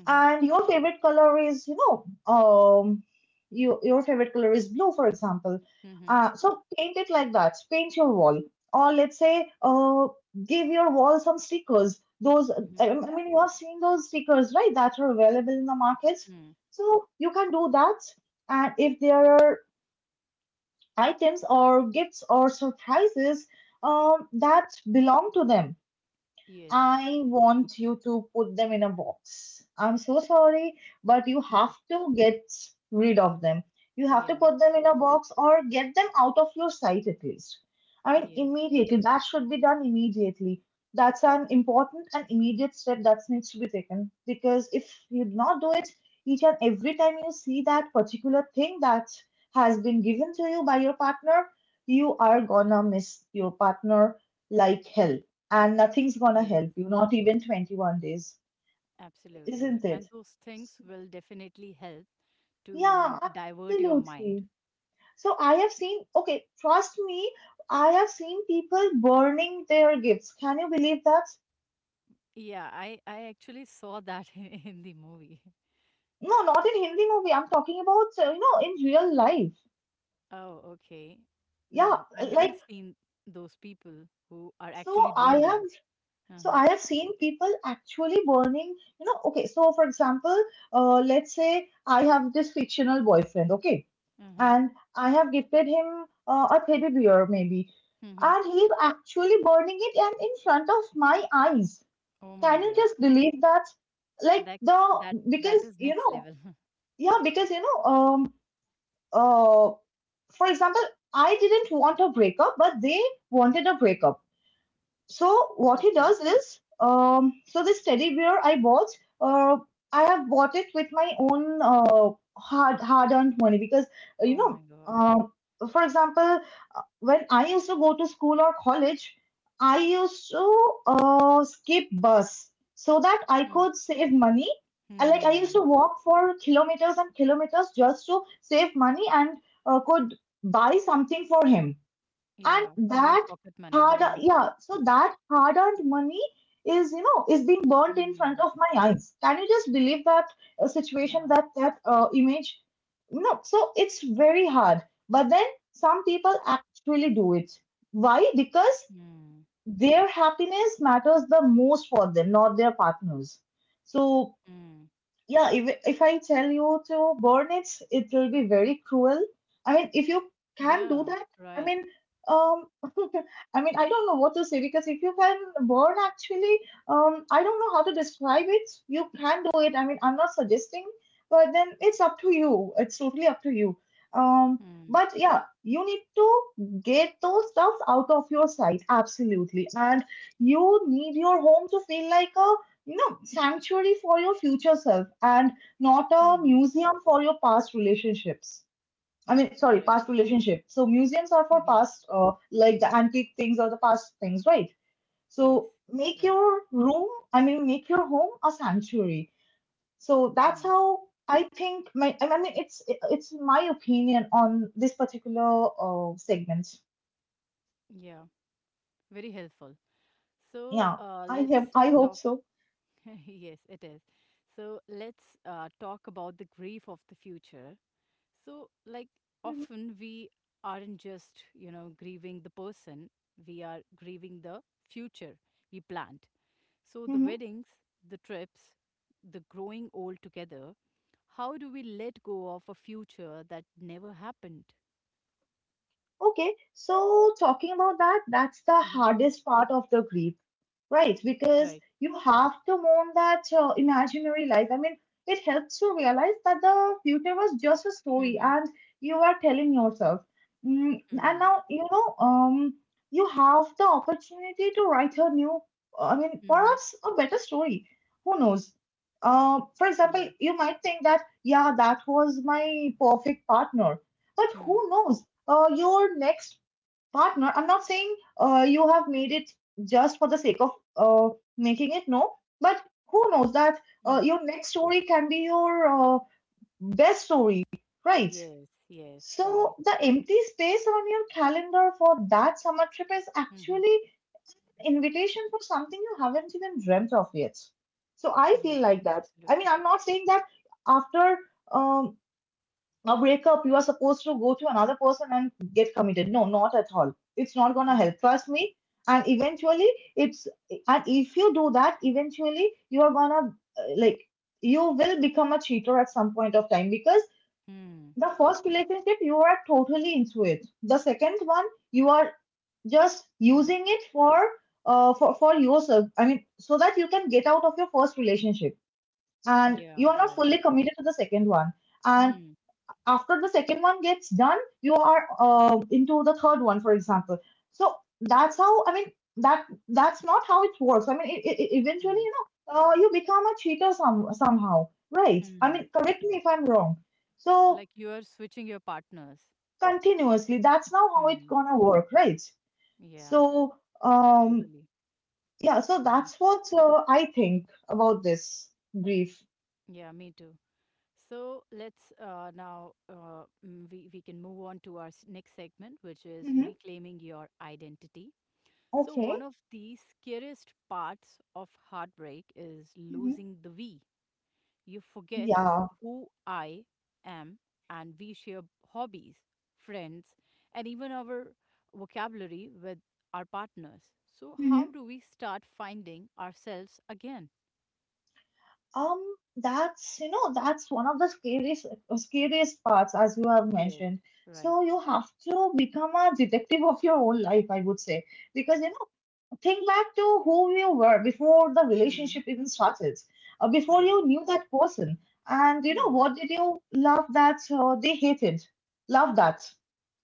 Mm-hmm.
and your favorite color is, you know, um, your favorite color is blue, for example.
Mm-hmm.
So paint it like that. Paint your wall, or let's say, give your wall some stickers. Those,
Mhm.
I mean, you have seen those stickers, right? That are available in the markets.
Mm.
So you can do that. And if there are items or gifts or surprises that belong to them,
Yes.
I want you to put them in a box. I'm so sorry, but you
Mhm.
have to get rid of them. You have to
Yeah.
put them in a box or get them out of your sight at least. I mean,
Yes.
immediately. That should be done immediately. That's an important and immediate step that needs to be taken, because if you do not do it, each and every time you see that particular thing that has been given to you by your partner, you are gonna miss your partner like hell, and nothing's gonna
Yes.
help you, not even 21 days,
Absolutely.
isn't it?
And those things will definitely help to, you know,
Yeah,
divert your mind.
absolutely. So I have seen, okay, trust me, I have seen people burning their gifts. Can you believe that?
Yeah, I actually saw that in the movie.
No, not in Hindi movie. I'm talking about, you know, in real life.
Oh, okay.
Yeah,
No, I haven't
like,
seen those people who are actually
so I
doing
have,
that.
so
Uh-huh.
I have seen people actually burning, you know, okay, so for example, let's say I have this fictional boyfriend, okay?
Uh-huh.
And I have gifted him a teddy bear, maybe.
Mm-hmm.
And he's actually burning it and in front of my eyes.
Oh my
Can you
God.
just believe that? Like
That's
the
that
Because
that is
you
next
know,
level.
yeah, because you know, uh, for example, I didn't want a breakup, but they wanted a breakup. So what he
Okay.
does is, so this teddy bear I bought, uh, I have bought it with my own hard hard-earned money, because you
Oh
know,
my God.
um, for example, when I used to go to school or college, I used to skip bus so that I
Mm.
could save money. And like I used
Hmm.
to walk for kilometers and kilometers just to save money, and could buy something for him, and
Yeah, from your
that
pocket money.
hard
Uh-huh.
yeah, so that hard earned money is, you know, is being burnt in front
Mm,
of my eyes. Can you just believe that situation,
yeah.
that image? No, so it's very hard, but then some people actually do it. Why? Because
Mm,
their happiness matters the most for them, not their partners. So
mm.
yeah, if I tell you to burn it, it will be very cruel. I mean, if you can do
Yeah,
that, I
right.
mean, um, I mean, I don't know what to say, because if you can burn, actually, I don't know how to describe it. You can do it. I mean, I'm not suggesting, but then it's up to you. It's totally up to you. Um,
Mm,
but yeah, you need to get those stuffs out of your sight, absolutely, and you need your home to feel like a, no, sanctuary for your future self and not a
mm-hmm.
museum for your past relationships. I mean, sorry,
Correct.
past relationship. So museums are for
Ye-
past, like the antique things or the past things, right?
Yes,
So make
right.
your room, I mean, make your home a sanctuary. So that's
Mm,
how I think my, I mean, it's my opinion on this particular segment.
yeah, very helpful. So,
Yeah,
let's
I hope
talk.
so.
Yes, it is. So, let's talk about the grief of the future. So, often we aren't just grieving the person, we are grieving the future we planned. So, the weddings, the trips, the growing old together, how do we let go of a future that never happened?
Okay, so talking about that, that's the
Mm-hmm.
hardest part of the grief, right? Because
Right.
you have to mourn that imaginary life. I mean, it helps to realize that the future was just a story
Mm-hmm.
and you are telling yourself. And
Mm.
now, you know, you have the opportunity to write a new, I mean,
Mm-hmm.
perhaps a better story. Who knows? For example,
Yeah.
you might think that, yeah, that was my perfect partner. But
Mm.
who knows? Your next partner. I'm not saying you have made it just for the sake of uh, making it, no, but who knows that
Mm.
your next story can be your best story, right?
Yes. Yes. Right.
So, the empty space on your calendar for that summer trip is
Mm-hmm.
actually an invitation for something you haven't even dreamt of yet. So, I
Yes.
feel like that. I
Absolutely.
mean, I'm not saying that after um, a breakup, you are supposed to go to another person and get committed. No, not at all. It's not gonna
Mm.
help. Trust me. And eventually, it's and if you do that, eventually you are gonna, like, you will become a cheater at some point of time, because
Mm.
the first relationship you are totally into it. The second one you are just
Mm.
using it for for yourself. I mean, so that you can get out of your first relationship, and
Yeah.
you are not
Right.
fully committed to the second one. And
Mm.
after the second one gets done, you are into the third one, for example. So that's how, I mean, that's not how it works. I mean eventually,
Mm.
you become a cheater somehow, right? I
Mm.
mean, correct me if I'm wrong. So
Like you are switching your partners.
continuously, that's now how it's
Mm.
gonna work, right?
Yeah.
so um
Totally.
yeah, so
Mm-hmm.
that's what I think about this grief.
Yeah. Me too. So let's now we can move on to our next segment, which is
Hmm.
reclaiming your identity. So
Okay.
one of the scariest parts of heartbreak is
Hmm.
losing the we. You forget
Yeah.
who I am, and we share hobbies, friends, and even our vocabulary with our partners. So how
Mhm.
do we start finding ourselves again?
Um, that's, you know, that's one of the scariest parts, as you have
Yes,
mentioned.
right.
So you have to become a detective of your own life, I would say, because, you know, think back to who you were before the
Hmm.
relationship even started, before
Yes.
you knew that person. And, you know,
Hmm.
what did you love that they hated? Love that.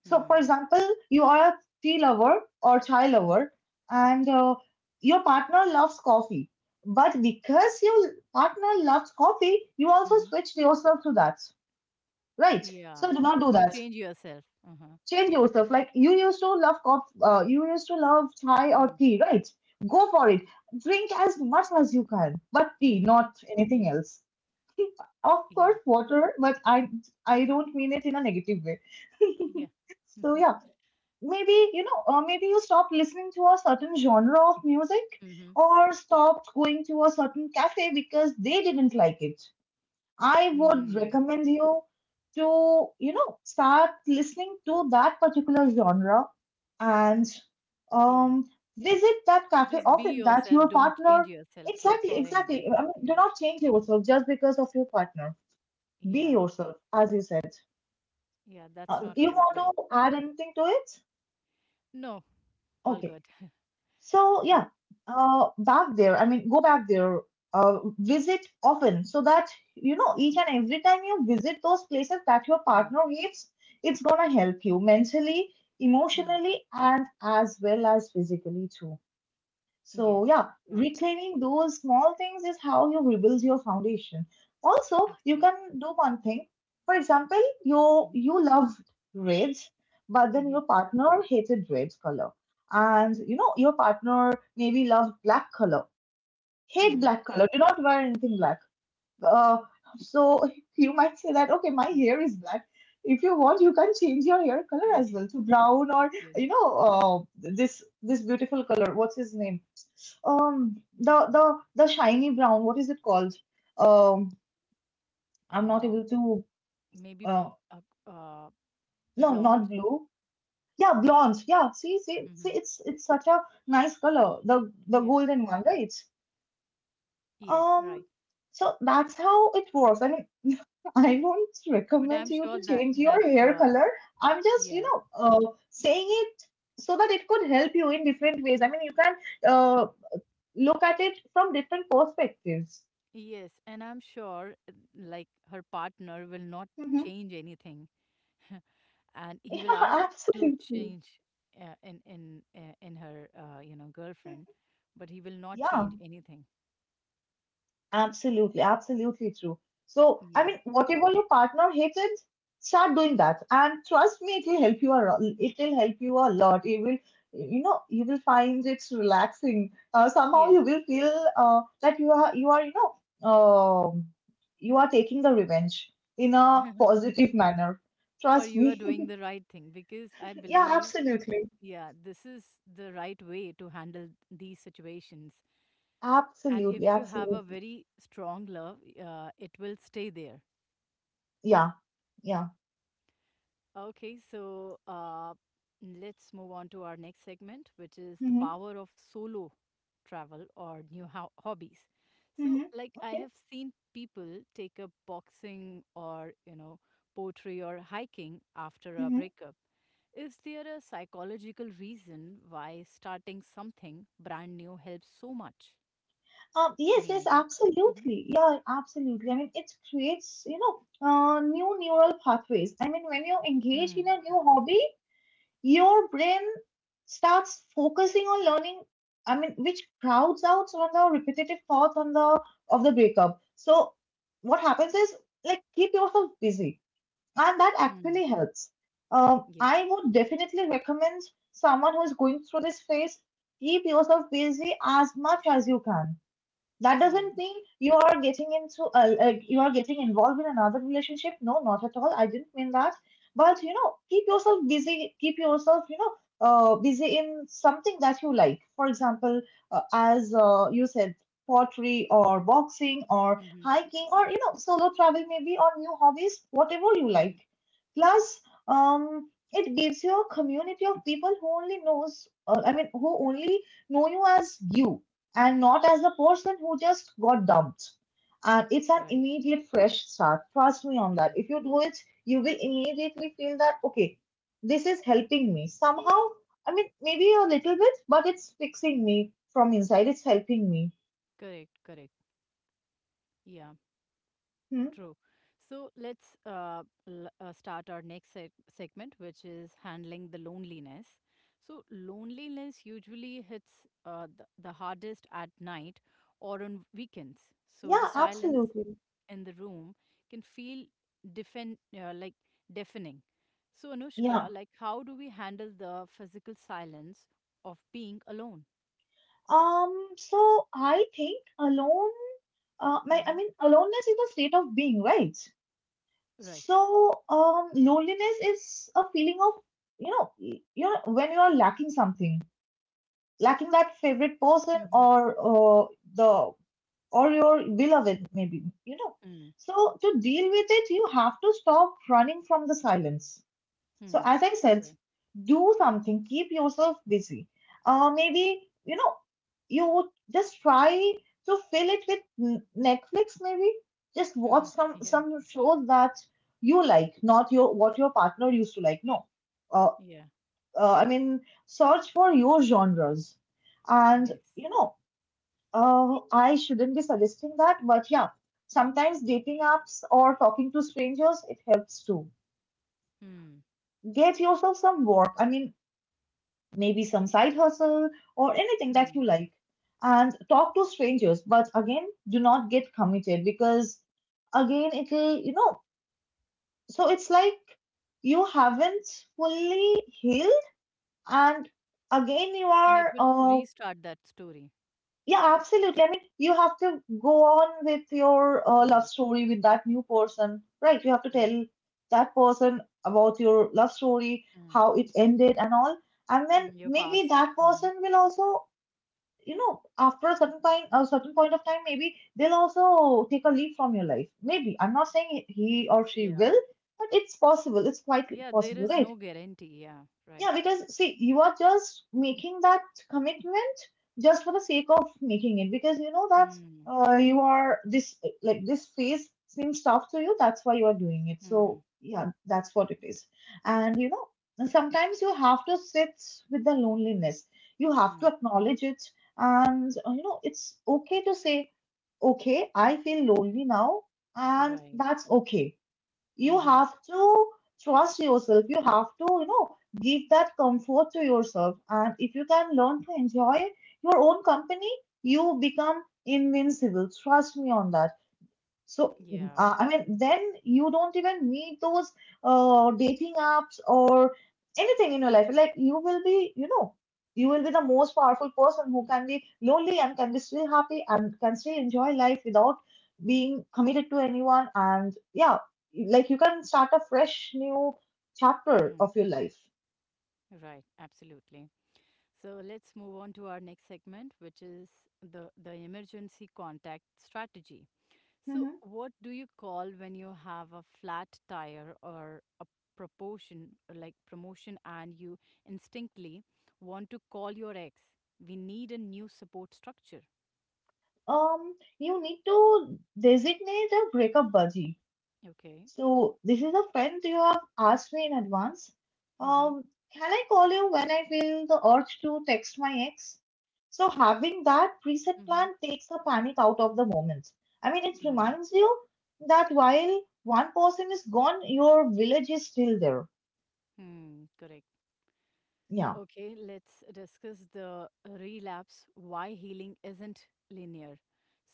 So, for
Hmm.
example, you are a tea lover or chai lover, and your partner loves coffee. But because your partner loves coffee, you also
Mhm.
switched yourself to that, right?
Yeah.
So, do not do
You
that.
change yourself. Uh-huh.
Change yourself. Like, you used to love coffee, you used to love chai or
Hmm.
tea, right? Go for it. Drink as much as you can, but tea,
Mhm.
not
Yeah.
anything else. Of
Yeah.
course, water, but I don't mean it in a negative way.
Yeah.
So yeah, maybe, you know, or maybe you stop listening to a certain genre of music,
Mm-hmm.
or stopped going to a certain cafe because they didn't like it. I would
Mm.
recommend you to, you know, start listening to that particular genre and
Yeah.
um, visit that cafe
Just be
often that
yourself.
your
Don't
partner.
change yourself for,
Exactly,
for anyone.
exactly. I mean, do
Yeah.
not change yourself just because of your partner. Be
Yeah.
yourself, as you said.
Yeah. That's not
You
fair.
want
Right.
to add anything to it?
No. All
Okay.
good.
So
uh,
yeah, back there. I mean, go back there. Visit often, so that, you know, each and every time you visit those places that your
mm,
partner hates, it's gonna help you mentally,
mm.
emotionally, and as well as physically too.
Yes.
So, yeah,
Right.
reclaiming those small things is how you rebuild your foundation. Also, you
Absolutely.
can do one thing. For example, you
Mm-hmm.
you love red, but then
Mm-hmm.
your partner hated red color. And, you know, your partner maybe loved black color, hate black color, do not wear anything black. Uh, so you might say that, okay, my
Mm-hmm.
hair is black. If you want, you can change your hair color as well to brown, or,
yes.
you know, this beautiful color. What's his name? The shiny brown, what is it called? um I'm not able
Um,
to.
maybe
Uh,
uh, uh,
no, not
blonde.
blue. Yeah, blonde, yeah. See,
Mm-hmm.
it's such a nice color, the
Yeah.
golden one, right?
Yes.
Um,
Right.
so that's how it was, I mean, I won't
But
recommend
I'm
you
sure
to
that
change your hair color. I'm just, you
yeah,
know, saying it so that it could help you in different ways. I mean, you can uh look at it from different perspectives.
yes, and I'm sure like her partner will not
Hmm.
change anything, and he
Yeah,
will ask to
absolutely.
change in her girlfriend, but he will not
Yeah,
change anything.
absolutely, absolutely true. So, I mean,
Yeah,
whatever your partner hated, start doing that, and trust me, it will help you a lot. It will help you a lot. You will, you know, you will find it relaxing. Somehow,
yes,
you will feel that you are, you know, um, you are taking the revenge in a positive manner.
or
Trust
you are
me.
doing the right thing because I
Yeah,
believe
absolutely,
yeah this is the right way to handle these situations, and
absolutely,
if you have a
absolutely.
very strong love, it will stay there.
Yeah, yeah.
Okay, so let's move on to our next segment, which is the
Mm-hmm.
power of solo travel or new hobbies. So,
Mm-hmm.
I
Okay.
have seen people take up boxing or poetry or hiking after a
Mhm.
breakup. Is there a psychological reason why starting something brand new helps so much?
Yes,
Any
yes,
idea? Mm-hmm.
absolutely. Yeah, absolutely. I mean, it creates, you know, new neural pathways. I mean, when you engage in
Hmm.
a new hobby, your brain starts focusing on learning, I mean, which crowds out on the repetitive thoughts on the of the breakup. So what happens is, like, keep yourself busy, and that
Hmm.
actually helps.
Yes.
I would definitely recommend someone who is going through this phase, keep yourself busy as much as you can. That
Yes.
doesn't mean you are getting into like you are getting involved in another relationship. No, not at all. I didn't mean that. But, you know, keep yourself busy. Keep yourself, you know, busy in something that you like. For example, as you said, pottery or boxing or
Mm-hmm.
hiking or, you know, solo travel maybe or new hobbies, whatever you
Hmm.
like. Plus, it gives you a community of people who only knows. I mean, who only know you as you and not as the person who just got dumped. And it's an
Right.
immediate fresh start. Trust me on
Hmm.
that. If you do it, you will immediately feel that, okay, this is helping me somehow. I mean, maybe a little bit, but it's fixing me from inside. It's helping me.
Correct. Correct. Yeah.
Hmm?
True. So let's start our next segment, which is handling the loneliness. So, loneliness usually hits the hardest at night or on weekends. So, the
Yeah,
silence
absolutely.
in the room can feel like deafening. So,
Yeah.
Anushka, how do we handle the physical silence of being alone?
So I think alone. I
Hmm.
mean, aloneness is a state of being, right?
Right.
So, loneliness is a feeling of, you know, you know, when you are lacking something, lacking that favorite person,
Mm-hmm.
or the or your beloved, maybe, you know. So, to deal with it, you have to stop running from the silence. So,
Mm-hmm.
as I said,
Right.
do something, keep yourself busy. Maybe, you know, you just try to fill it with Netflix, maybe. Just watch
Mm-hmm. Yeah.
some shows that you like, not your what your partner used to like. No, uh,
Yeah.
I mean, search for your genres, and,
Yes.
you know, I shouldn't be suggesting that, but yeah, sometimes dating apps or talking to strangers, it helps too.
Hmm.
Get yourself some work. I mean, maybe some side hustle or anything that
Hmm.
you like, and talk to strangers, but again, do not get committed, because again, it'll, you know, so it's like you haven't fully healed and again you
And it
are
will
uh.
restart that story.
Yeah, absolutely. I mean, you have to go on with your
Mm,
love story with that new person, right? You have to
mm,
tell that person about your love story,
mm,
how it ended and all, and then
mm, your
maybe
past.
that
Hmm.
person will also, you know, after a certain time, a certain point of time, maybe they'll also take a leave from your life. Maybe, I'm not saying he or she
Yeah.
will, but it's possible, it's quite
Yeah, there
possible,
is
right?
no guarantee. Yeah, right.
Yeah, because see, you are just making that commitment just for the sake of making it, because you know that
Mm,
you are this, like this phase seems tough to you. That's why you are doing it.
mm,
So yeah, that's what it is. And, you know, sometimes you have to sit with the loneliness. You have
mm,
to acknowledge it, and you know, it's okay to say, okay, I feel lonely now, and
right.
that's okay. You
Hmm.
have to trust yourself, you have to, you know, give that comfort to yourself, and if you can learn to enjoy your own company, you become invincible, trust me on that. So,
Yeah,
I mean,
true.
then you don't even need those dating apps or anything in your life. Like, you will be, you know, you will be the most powerful person who can be lonely and can be still happy and can still enjoy life without being committed to anyone. And yeah, like you can start a fresh new chapter
Mm,
of your life.
right, absolutely. So let's move on to our next segment, which is the emergency contact strategy. So,
Hmm.
what do you call when you have a flat tire or a proportion, or like promotion, and you instinctively want to call your ex? We need a new support structure.
Um, you need to designate a breakup buddy.
Okay.
So this is a friend you have asked me in advance.
Mm-hmm.
Um, can I call you when I feel the urge to text my ex? So having that preset plan takes the panic out of the moment. I mean, it
Mm-hmm.
reminds you that while one person is gone, your village is still there.
Mm-hmm. Correct.
Yeah.
Okay, let's discuss the relapse, why healing isn't linear.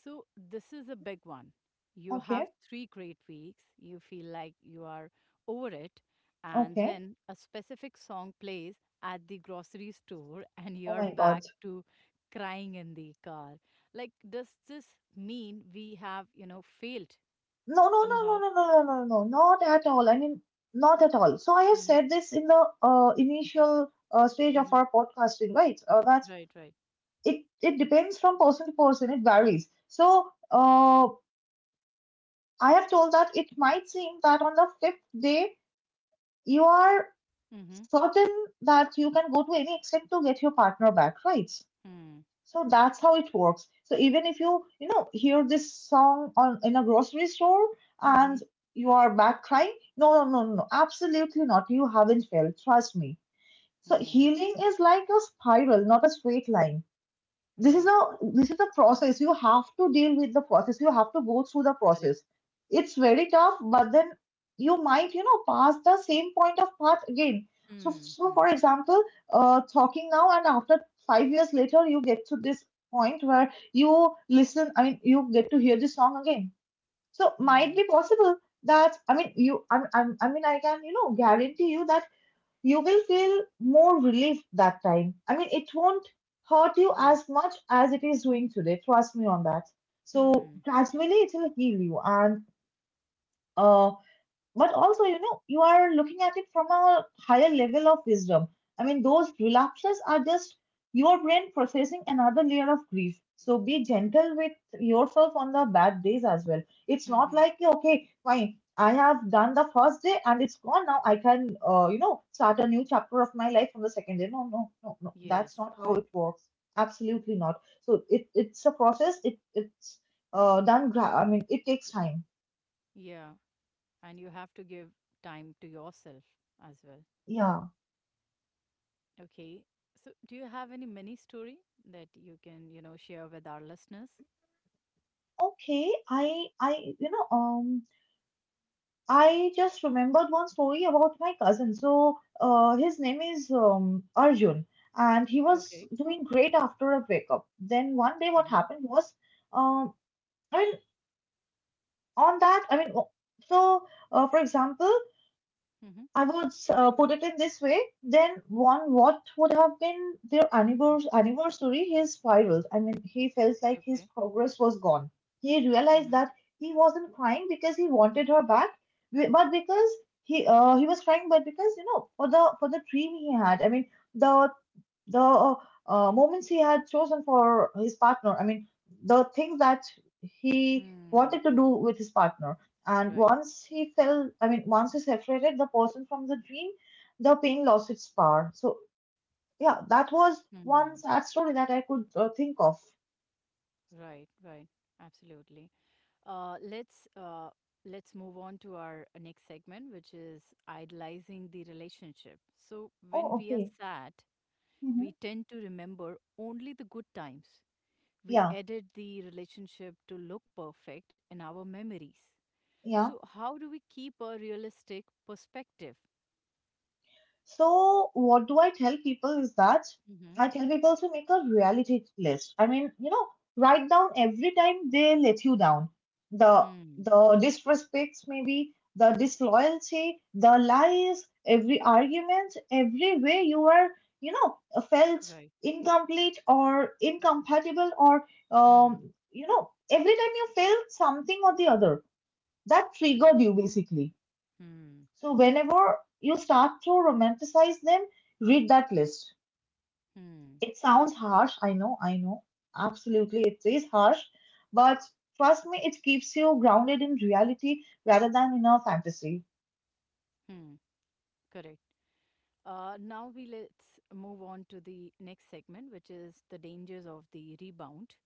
So, this is a big one. You have
Okay.
three great weeks, you feel like you are over it, and
Okay.
then a specific song plays at the grocery store, and
Oh
you're
my God.
back to crying in the car. Like, does this mean we have, failed
No, no, no, no,
somehow?
no, no, no, no, no, not at all. I mean, not at all. So I have
Mm-hmm.
said this in the initial stage of
Mm-hmm.
our podcasting, right? That
Right, right.
it depends from person to person, it varies. So, uh, I have told that it might seem that on the fifth day you are
Mm-hmm.
certain that you can go to any extent to get your partner back, right?
Mm-hmm.
So that's how it works. So even if you, you know, hear this song on in a grocery store
Mm-hmm.
and you are back crying, no, no, no, no, absolutely not, you haven't failed, trust me. So
Hmm.
healing is like a spiral, not a straight line. this
Right.
is a this is a process. You have to deal with the process, you have to go through the
Correct.
process. It's very tough, but then you might, you know, pass the same point of path again. so
Hmm.
so
Hmm.
for example, talking now and after 5 years later, you get to this point where you listen, I mean, you get to hear this song again. So might
Hmm.
be possible that, I mean, I mean, I can, you know, guarantee you that you will feel more relief that time. I mean, it won't hurt you
Right.
as much as it is doing today. Trust me on that. So
Hmm.
gradually it will heal you, and uh, but also, you know, you are looking at it from a higher level of wisdom. I mean, those relapses are just your brain processing another layer of grief, so be gentle with yourself on the bad days as well. It's not
Mm-hmm.
like, okay, fine, I have done the first day and it's gone, now I can you know, start a new chapter of my life from the second day. No, no, no, no,
Yes,
that's not how
right.
it works. Absolutely not. So it's a process. It's I mean, it takes time.
Yeah. And you have to give time to yourself as well.
Yeah.
Okay. So, do you have any mini story that you can, share with our listeners?
Okay, I you know um I just remembered one story about my cousin. So his name is Arjun, and he
Okay.
was doing great after a breakup. Then one day what
Mm-hmm.
happened was um I mean on that I mean o- so for example,
Mm-hmm.
I would put it in this way, then one, what would have been their
Mm-hmm.
anniversary? He spiraled. I mean, he felt like his
Okay.
progress was gone. He realized
Mm-hmm.
that he wasn't crying because he wanted her back, but because he was crying, but because, you know, for the dream he had. I mean, the the moments he had chosen for his partner. I mean, the things that he
Hmm.
wanted to do with his partner. And
Right.
once he fell, I mean, once he separated the person from the dream, the pain lost its power. So, yeah, that was one
Hmm.
sad story that I could think of.
Right. Right. Absolutely. Uh, let's uh, let's move on to our next segment, which is idealizing the relationship. So,
Oh,
when we are
okay.
sad,
Hmm.
we tend to remember only the good times. We
Yeah,
edit the relationship to look perfect in our memories.
yeah.
So, how do we keep a realistic perspective?
So, what do I tell people is that
Mm-hmm.
I tell people to make a reality list. I mean, you know, write down every time they let you down. The
Hmm.
the disrespect, maybe, the disloyalty, the lies, every argument, every way you are, you know, felt
Right.
incomplete or incompatible, or
Hmm.
you know, every time you felt something or the other that
Correct.
triggered you basically.
Hmm.
So, whenever you start to romanticize them, read that list.
Hmm.
It sounds harsh. I know, I know. Absolutely, it is harsh. But trust me, it keeps you grounded in reality rather than in a fantasy.
Hmm. Correct. Now we let's move on to the next segment, which is the dangers of the rebound.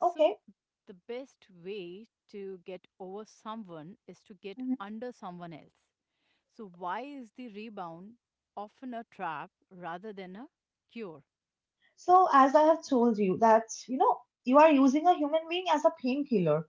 Okay.
the best way to get over someone is to get
Mhm.
under someone else. So, why is the rebound often a trap rather than a cure?
So, as I have told you, that, you know, you are using a human being as a painkiller.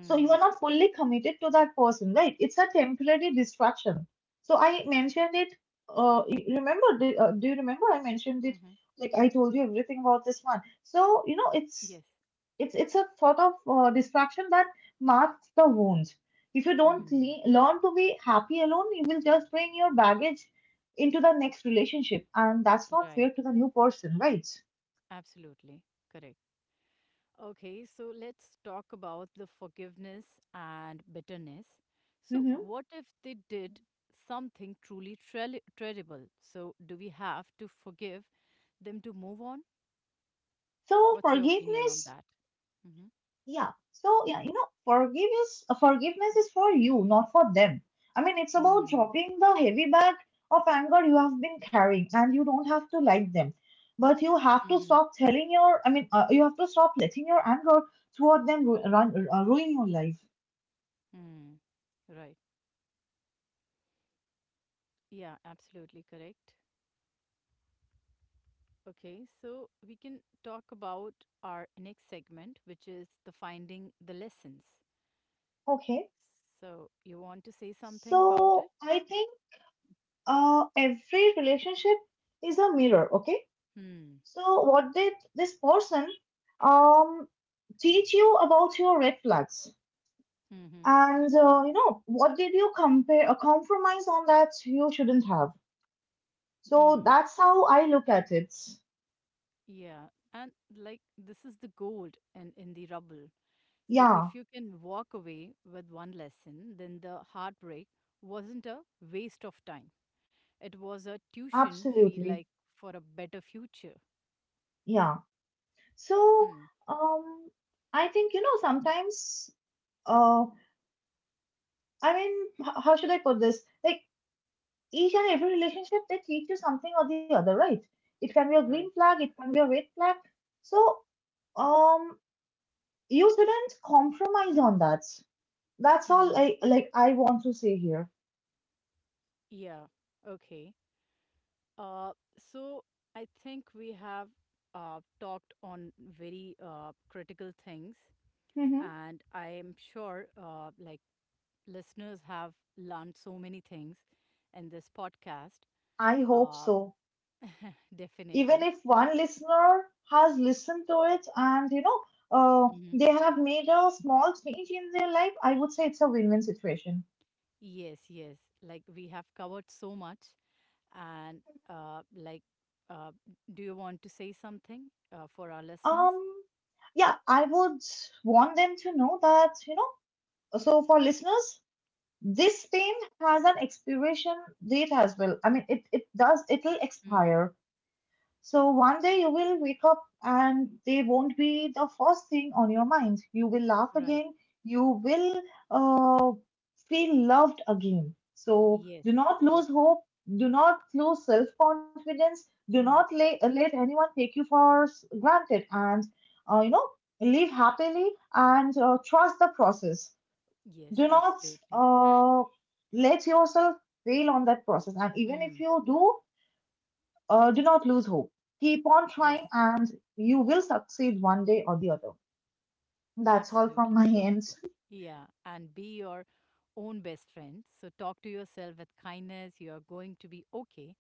So you are not fully committed to that person, right? It's a temporary distraction. So I mentioned it. Remember? Do you remember? I mentioned it.
Mm-hmm.
Like, I told you everything about this one. So, you know, it's
Yes.
it's a sort of distraction that masks the wound. If you don't
Hmm.
learn to be happy alone, you will just bring your baggage into the next relationship, and that's not
Right.
fair to the new person, right?
Absolutely. Correct. Okay. So let's talk about the forgiveness and bitterness. So,
Hmm.
what if they did something truly terrible? So, do we have to forgive them to move on?
So
What's your opinion on
forgiveness.
that? Mm-hmm.
Yeah. So, yeah, you know, forgiveness forgiveness is for you, not for them. I mean, it's about
Hmm.
dropping the heavy bag of anger you have been carrying, and you don't have to like them. But you have to
Mm-hmm.
stop telling your, I mean, you have to stop letting your anger toward them ruin your life.
Hmm. Right. Yeah, absolutely correct. Okay, so we can talk about our next segment, which is the finding the lessons.
Okay.
So you want to say something about
So,
it?
I think every relationship is a mirror. Okay.
Hmm.
So, what did this person um, teach you about your red flags?
Hmm.
And you know, what did you compare a compromise on that you shouldn't have? So
Hmm.
that's how I look at it.
Yeah. And like this is the gold in the rubble. So
Yeah,
if you can walk away with one lesson, then the heartbreak wasn't a waste of time. It was a tuition fee
absolutely.
like for a better future.
Yeah. So,
Hmm.
um I think, you know, sometimes uh I mean how should I put this? Like, each and every relationship, they teach you something or the other, right? It can be a green
Right.
flag, it can be a red flag. So, um you shouldn't compromise on that. That's all
Mm-hmm.
I want to say here.
Yeah. Okay. Uh, so I think we have talked on very critical things,
Mm-hmm.
and I am sure like listeners have learned so many things in this podcast.
I hope
Uh,
so. Even
Definitely.
if one listener has listened to it and, you know,
Mhm.
they have made a small change in their life, I would say it's a win win situation.
Yes, yes. Like we have covered so much, and uh, like, uh, do you want to say something for our listeners?
Um, yeah, I would want them to know that, you know, so for listeners, this pain has an expiration date as well. I mean, it does, it'll
Hmm.
expire. So one day you will wake up and they won't be the first thing on your mind. You will laugh
Right.
again. You will uh, feel loved again. So
Yes.
do not
True.
lose hope. Do not lose self confidence. Do not
Hmm.
let anyone take you for granted. And, you know, live happily and trust the process.
Yes.
Do not
Absolutely.
uh, let yourself fail on that process. And even if
Hmm.
you do, do not lose hope. Keep on
Yes.
trying, and you will succeed one day or the other. That's all from
Absolutely
my
true.
end.
Yeah. And be your own best friend. So talk to yourself with kindness. You are going to be okay.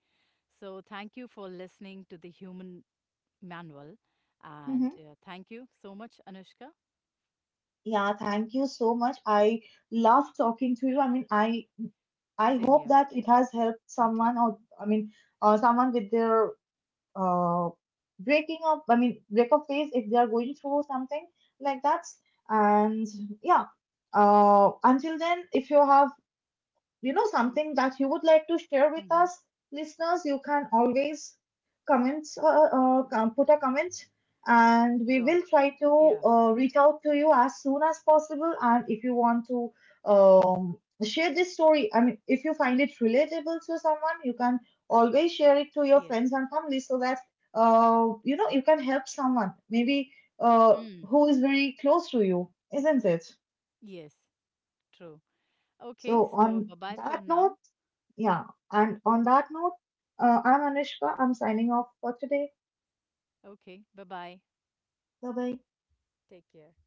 So thank you for listening to the human manual. And
Hmm.
thank you so much, Anushka.
Yeah, thank you so much. I love talking to you. I mean, I
Same
hope
year.
that it has helped
Me too.
someone, or I mean, someone with their uh breaking up. I mean, break up phase, if they are going through something like that. And yeah, until then, if you have, you know, something that you would like to share with
Hmm.
us listeners, you can always comment put a comment, and we
Sure.
will try to
Yeah.
reach out to you as soon as possible. And if you want to um, share this story, I mean, if you find it relatable to someone, you can always share it to your
Yes.
friends and family, so that you know, you can help someone, maybe uh,
Mm.
who is very close to you, isn't it?
Yes. True. Okay.
So
So
on
bye bye for
that note
now.
yeah. And on that note, I'm Anushka. I'm signing off for today.
Okay. Bye bye.
Bye bye.
Take care.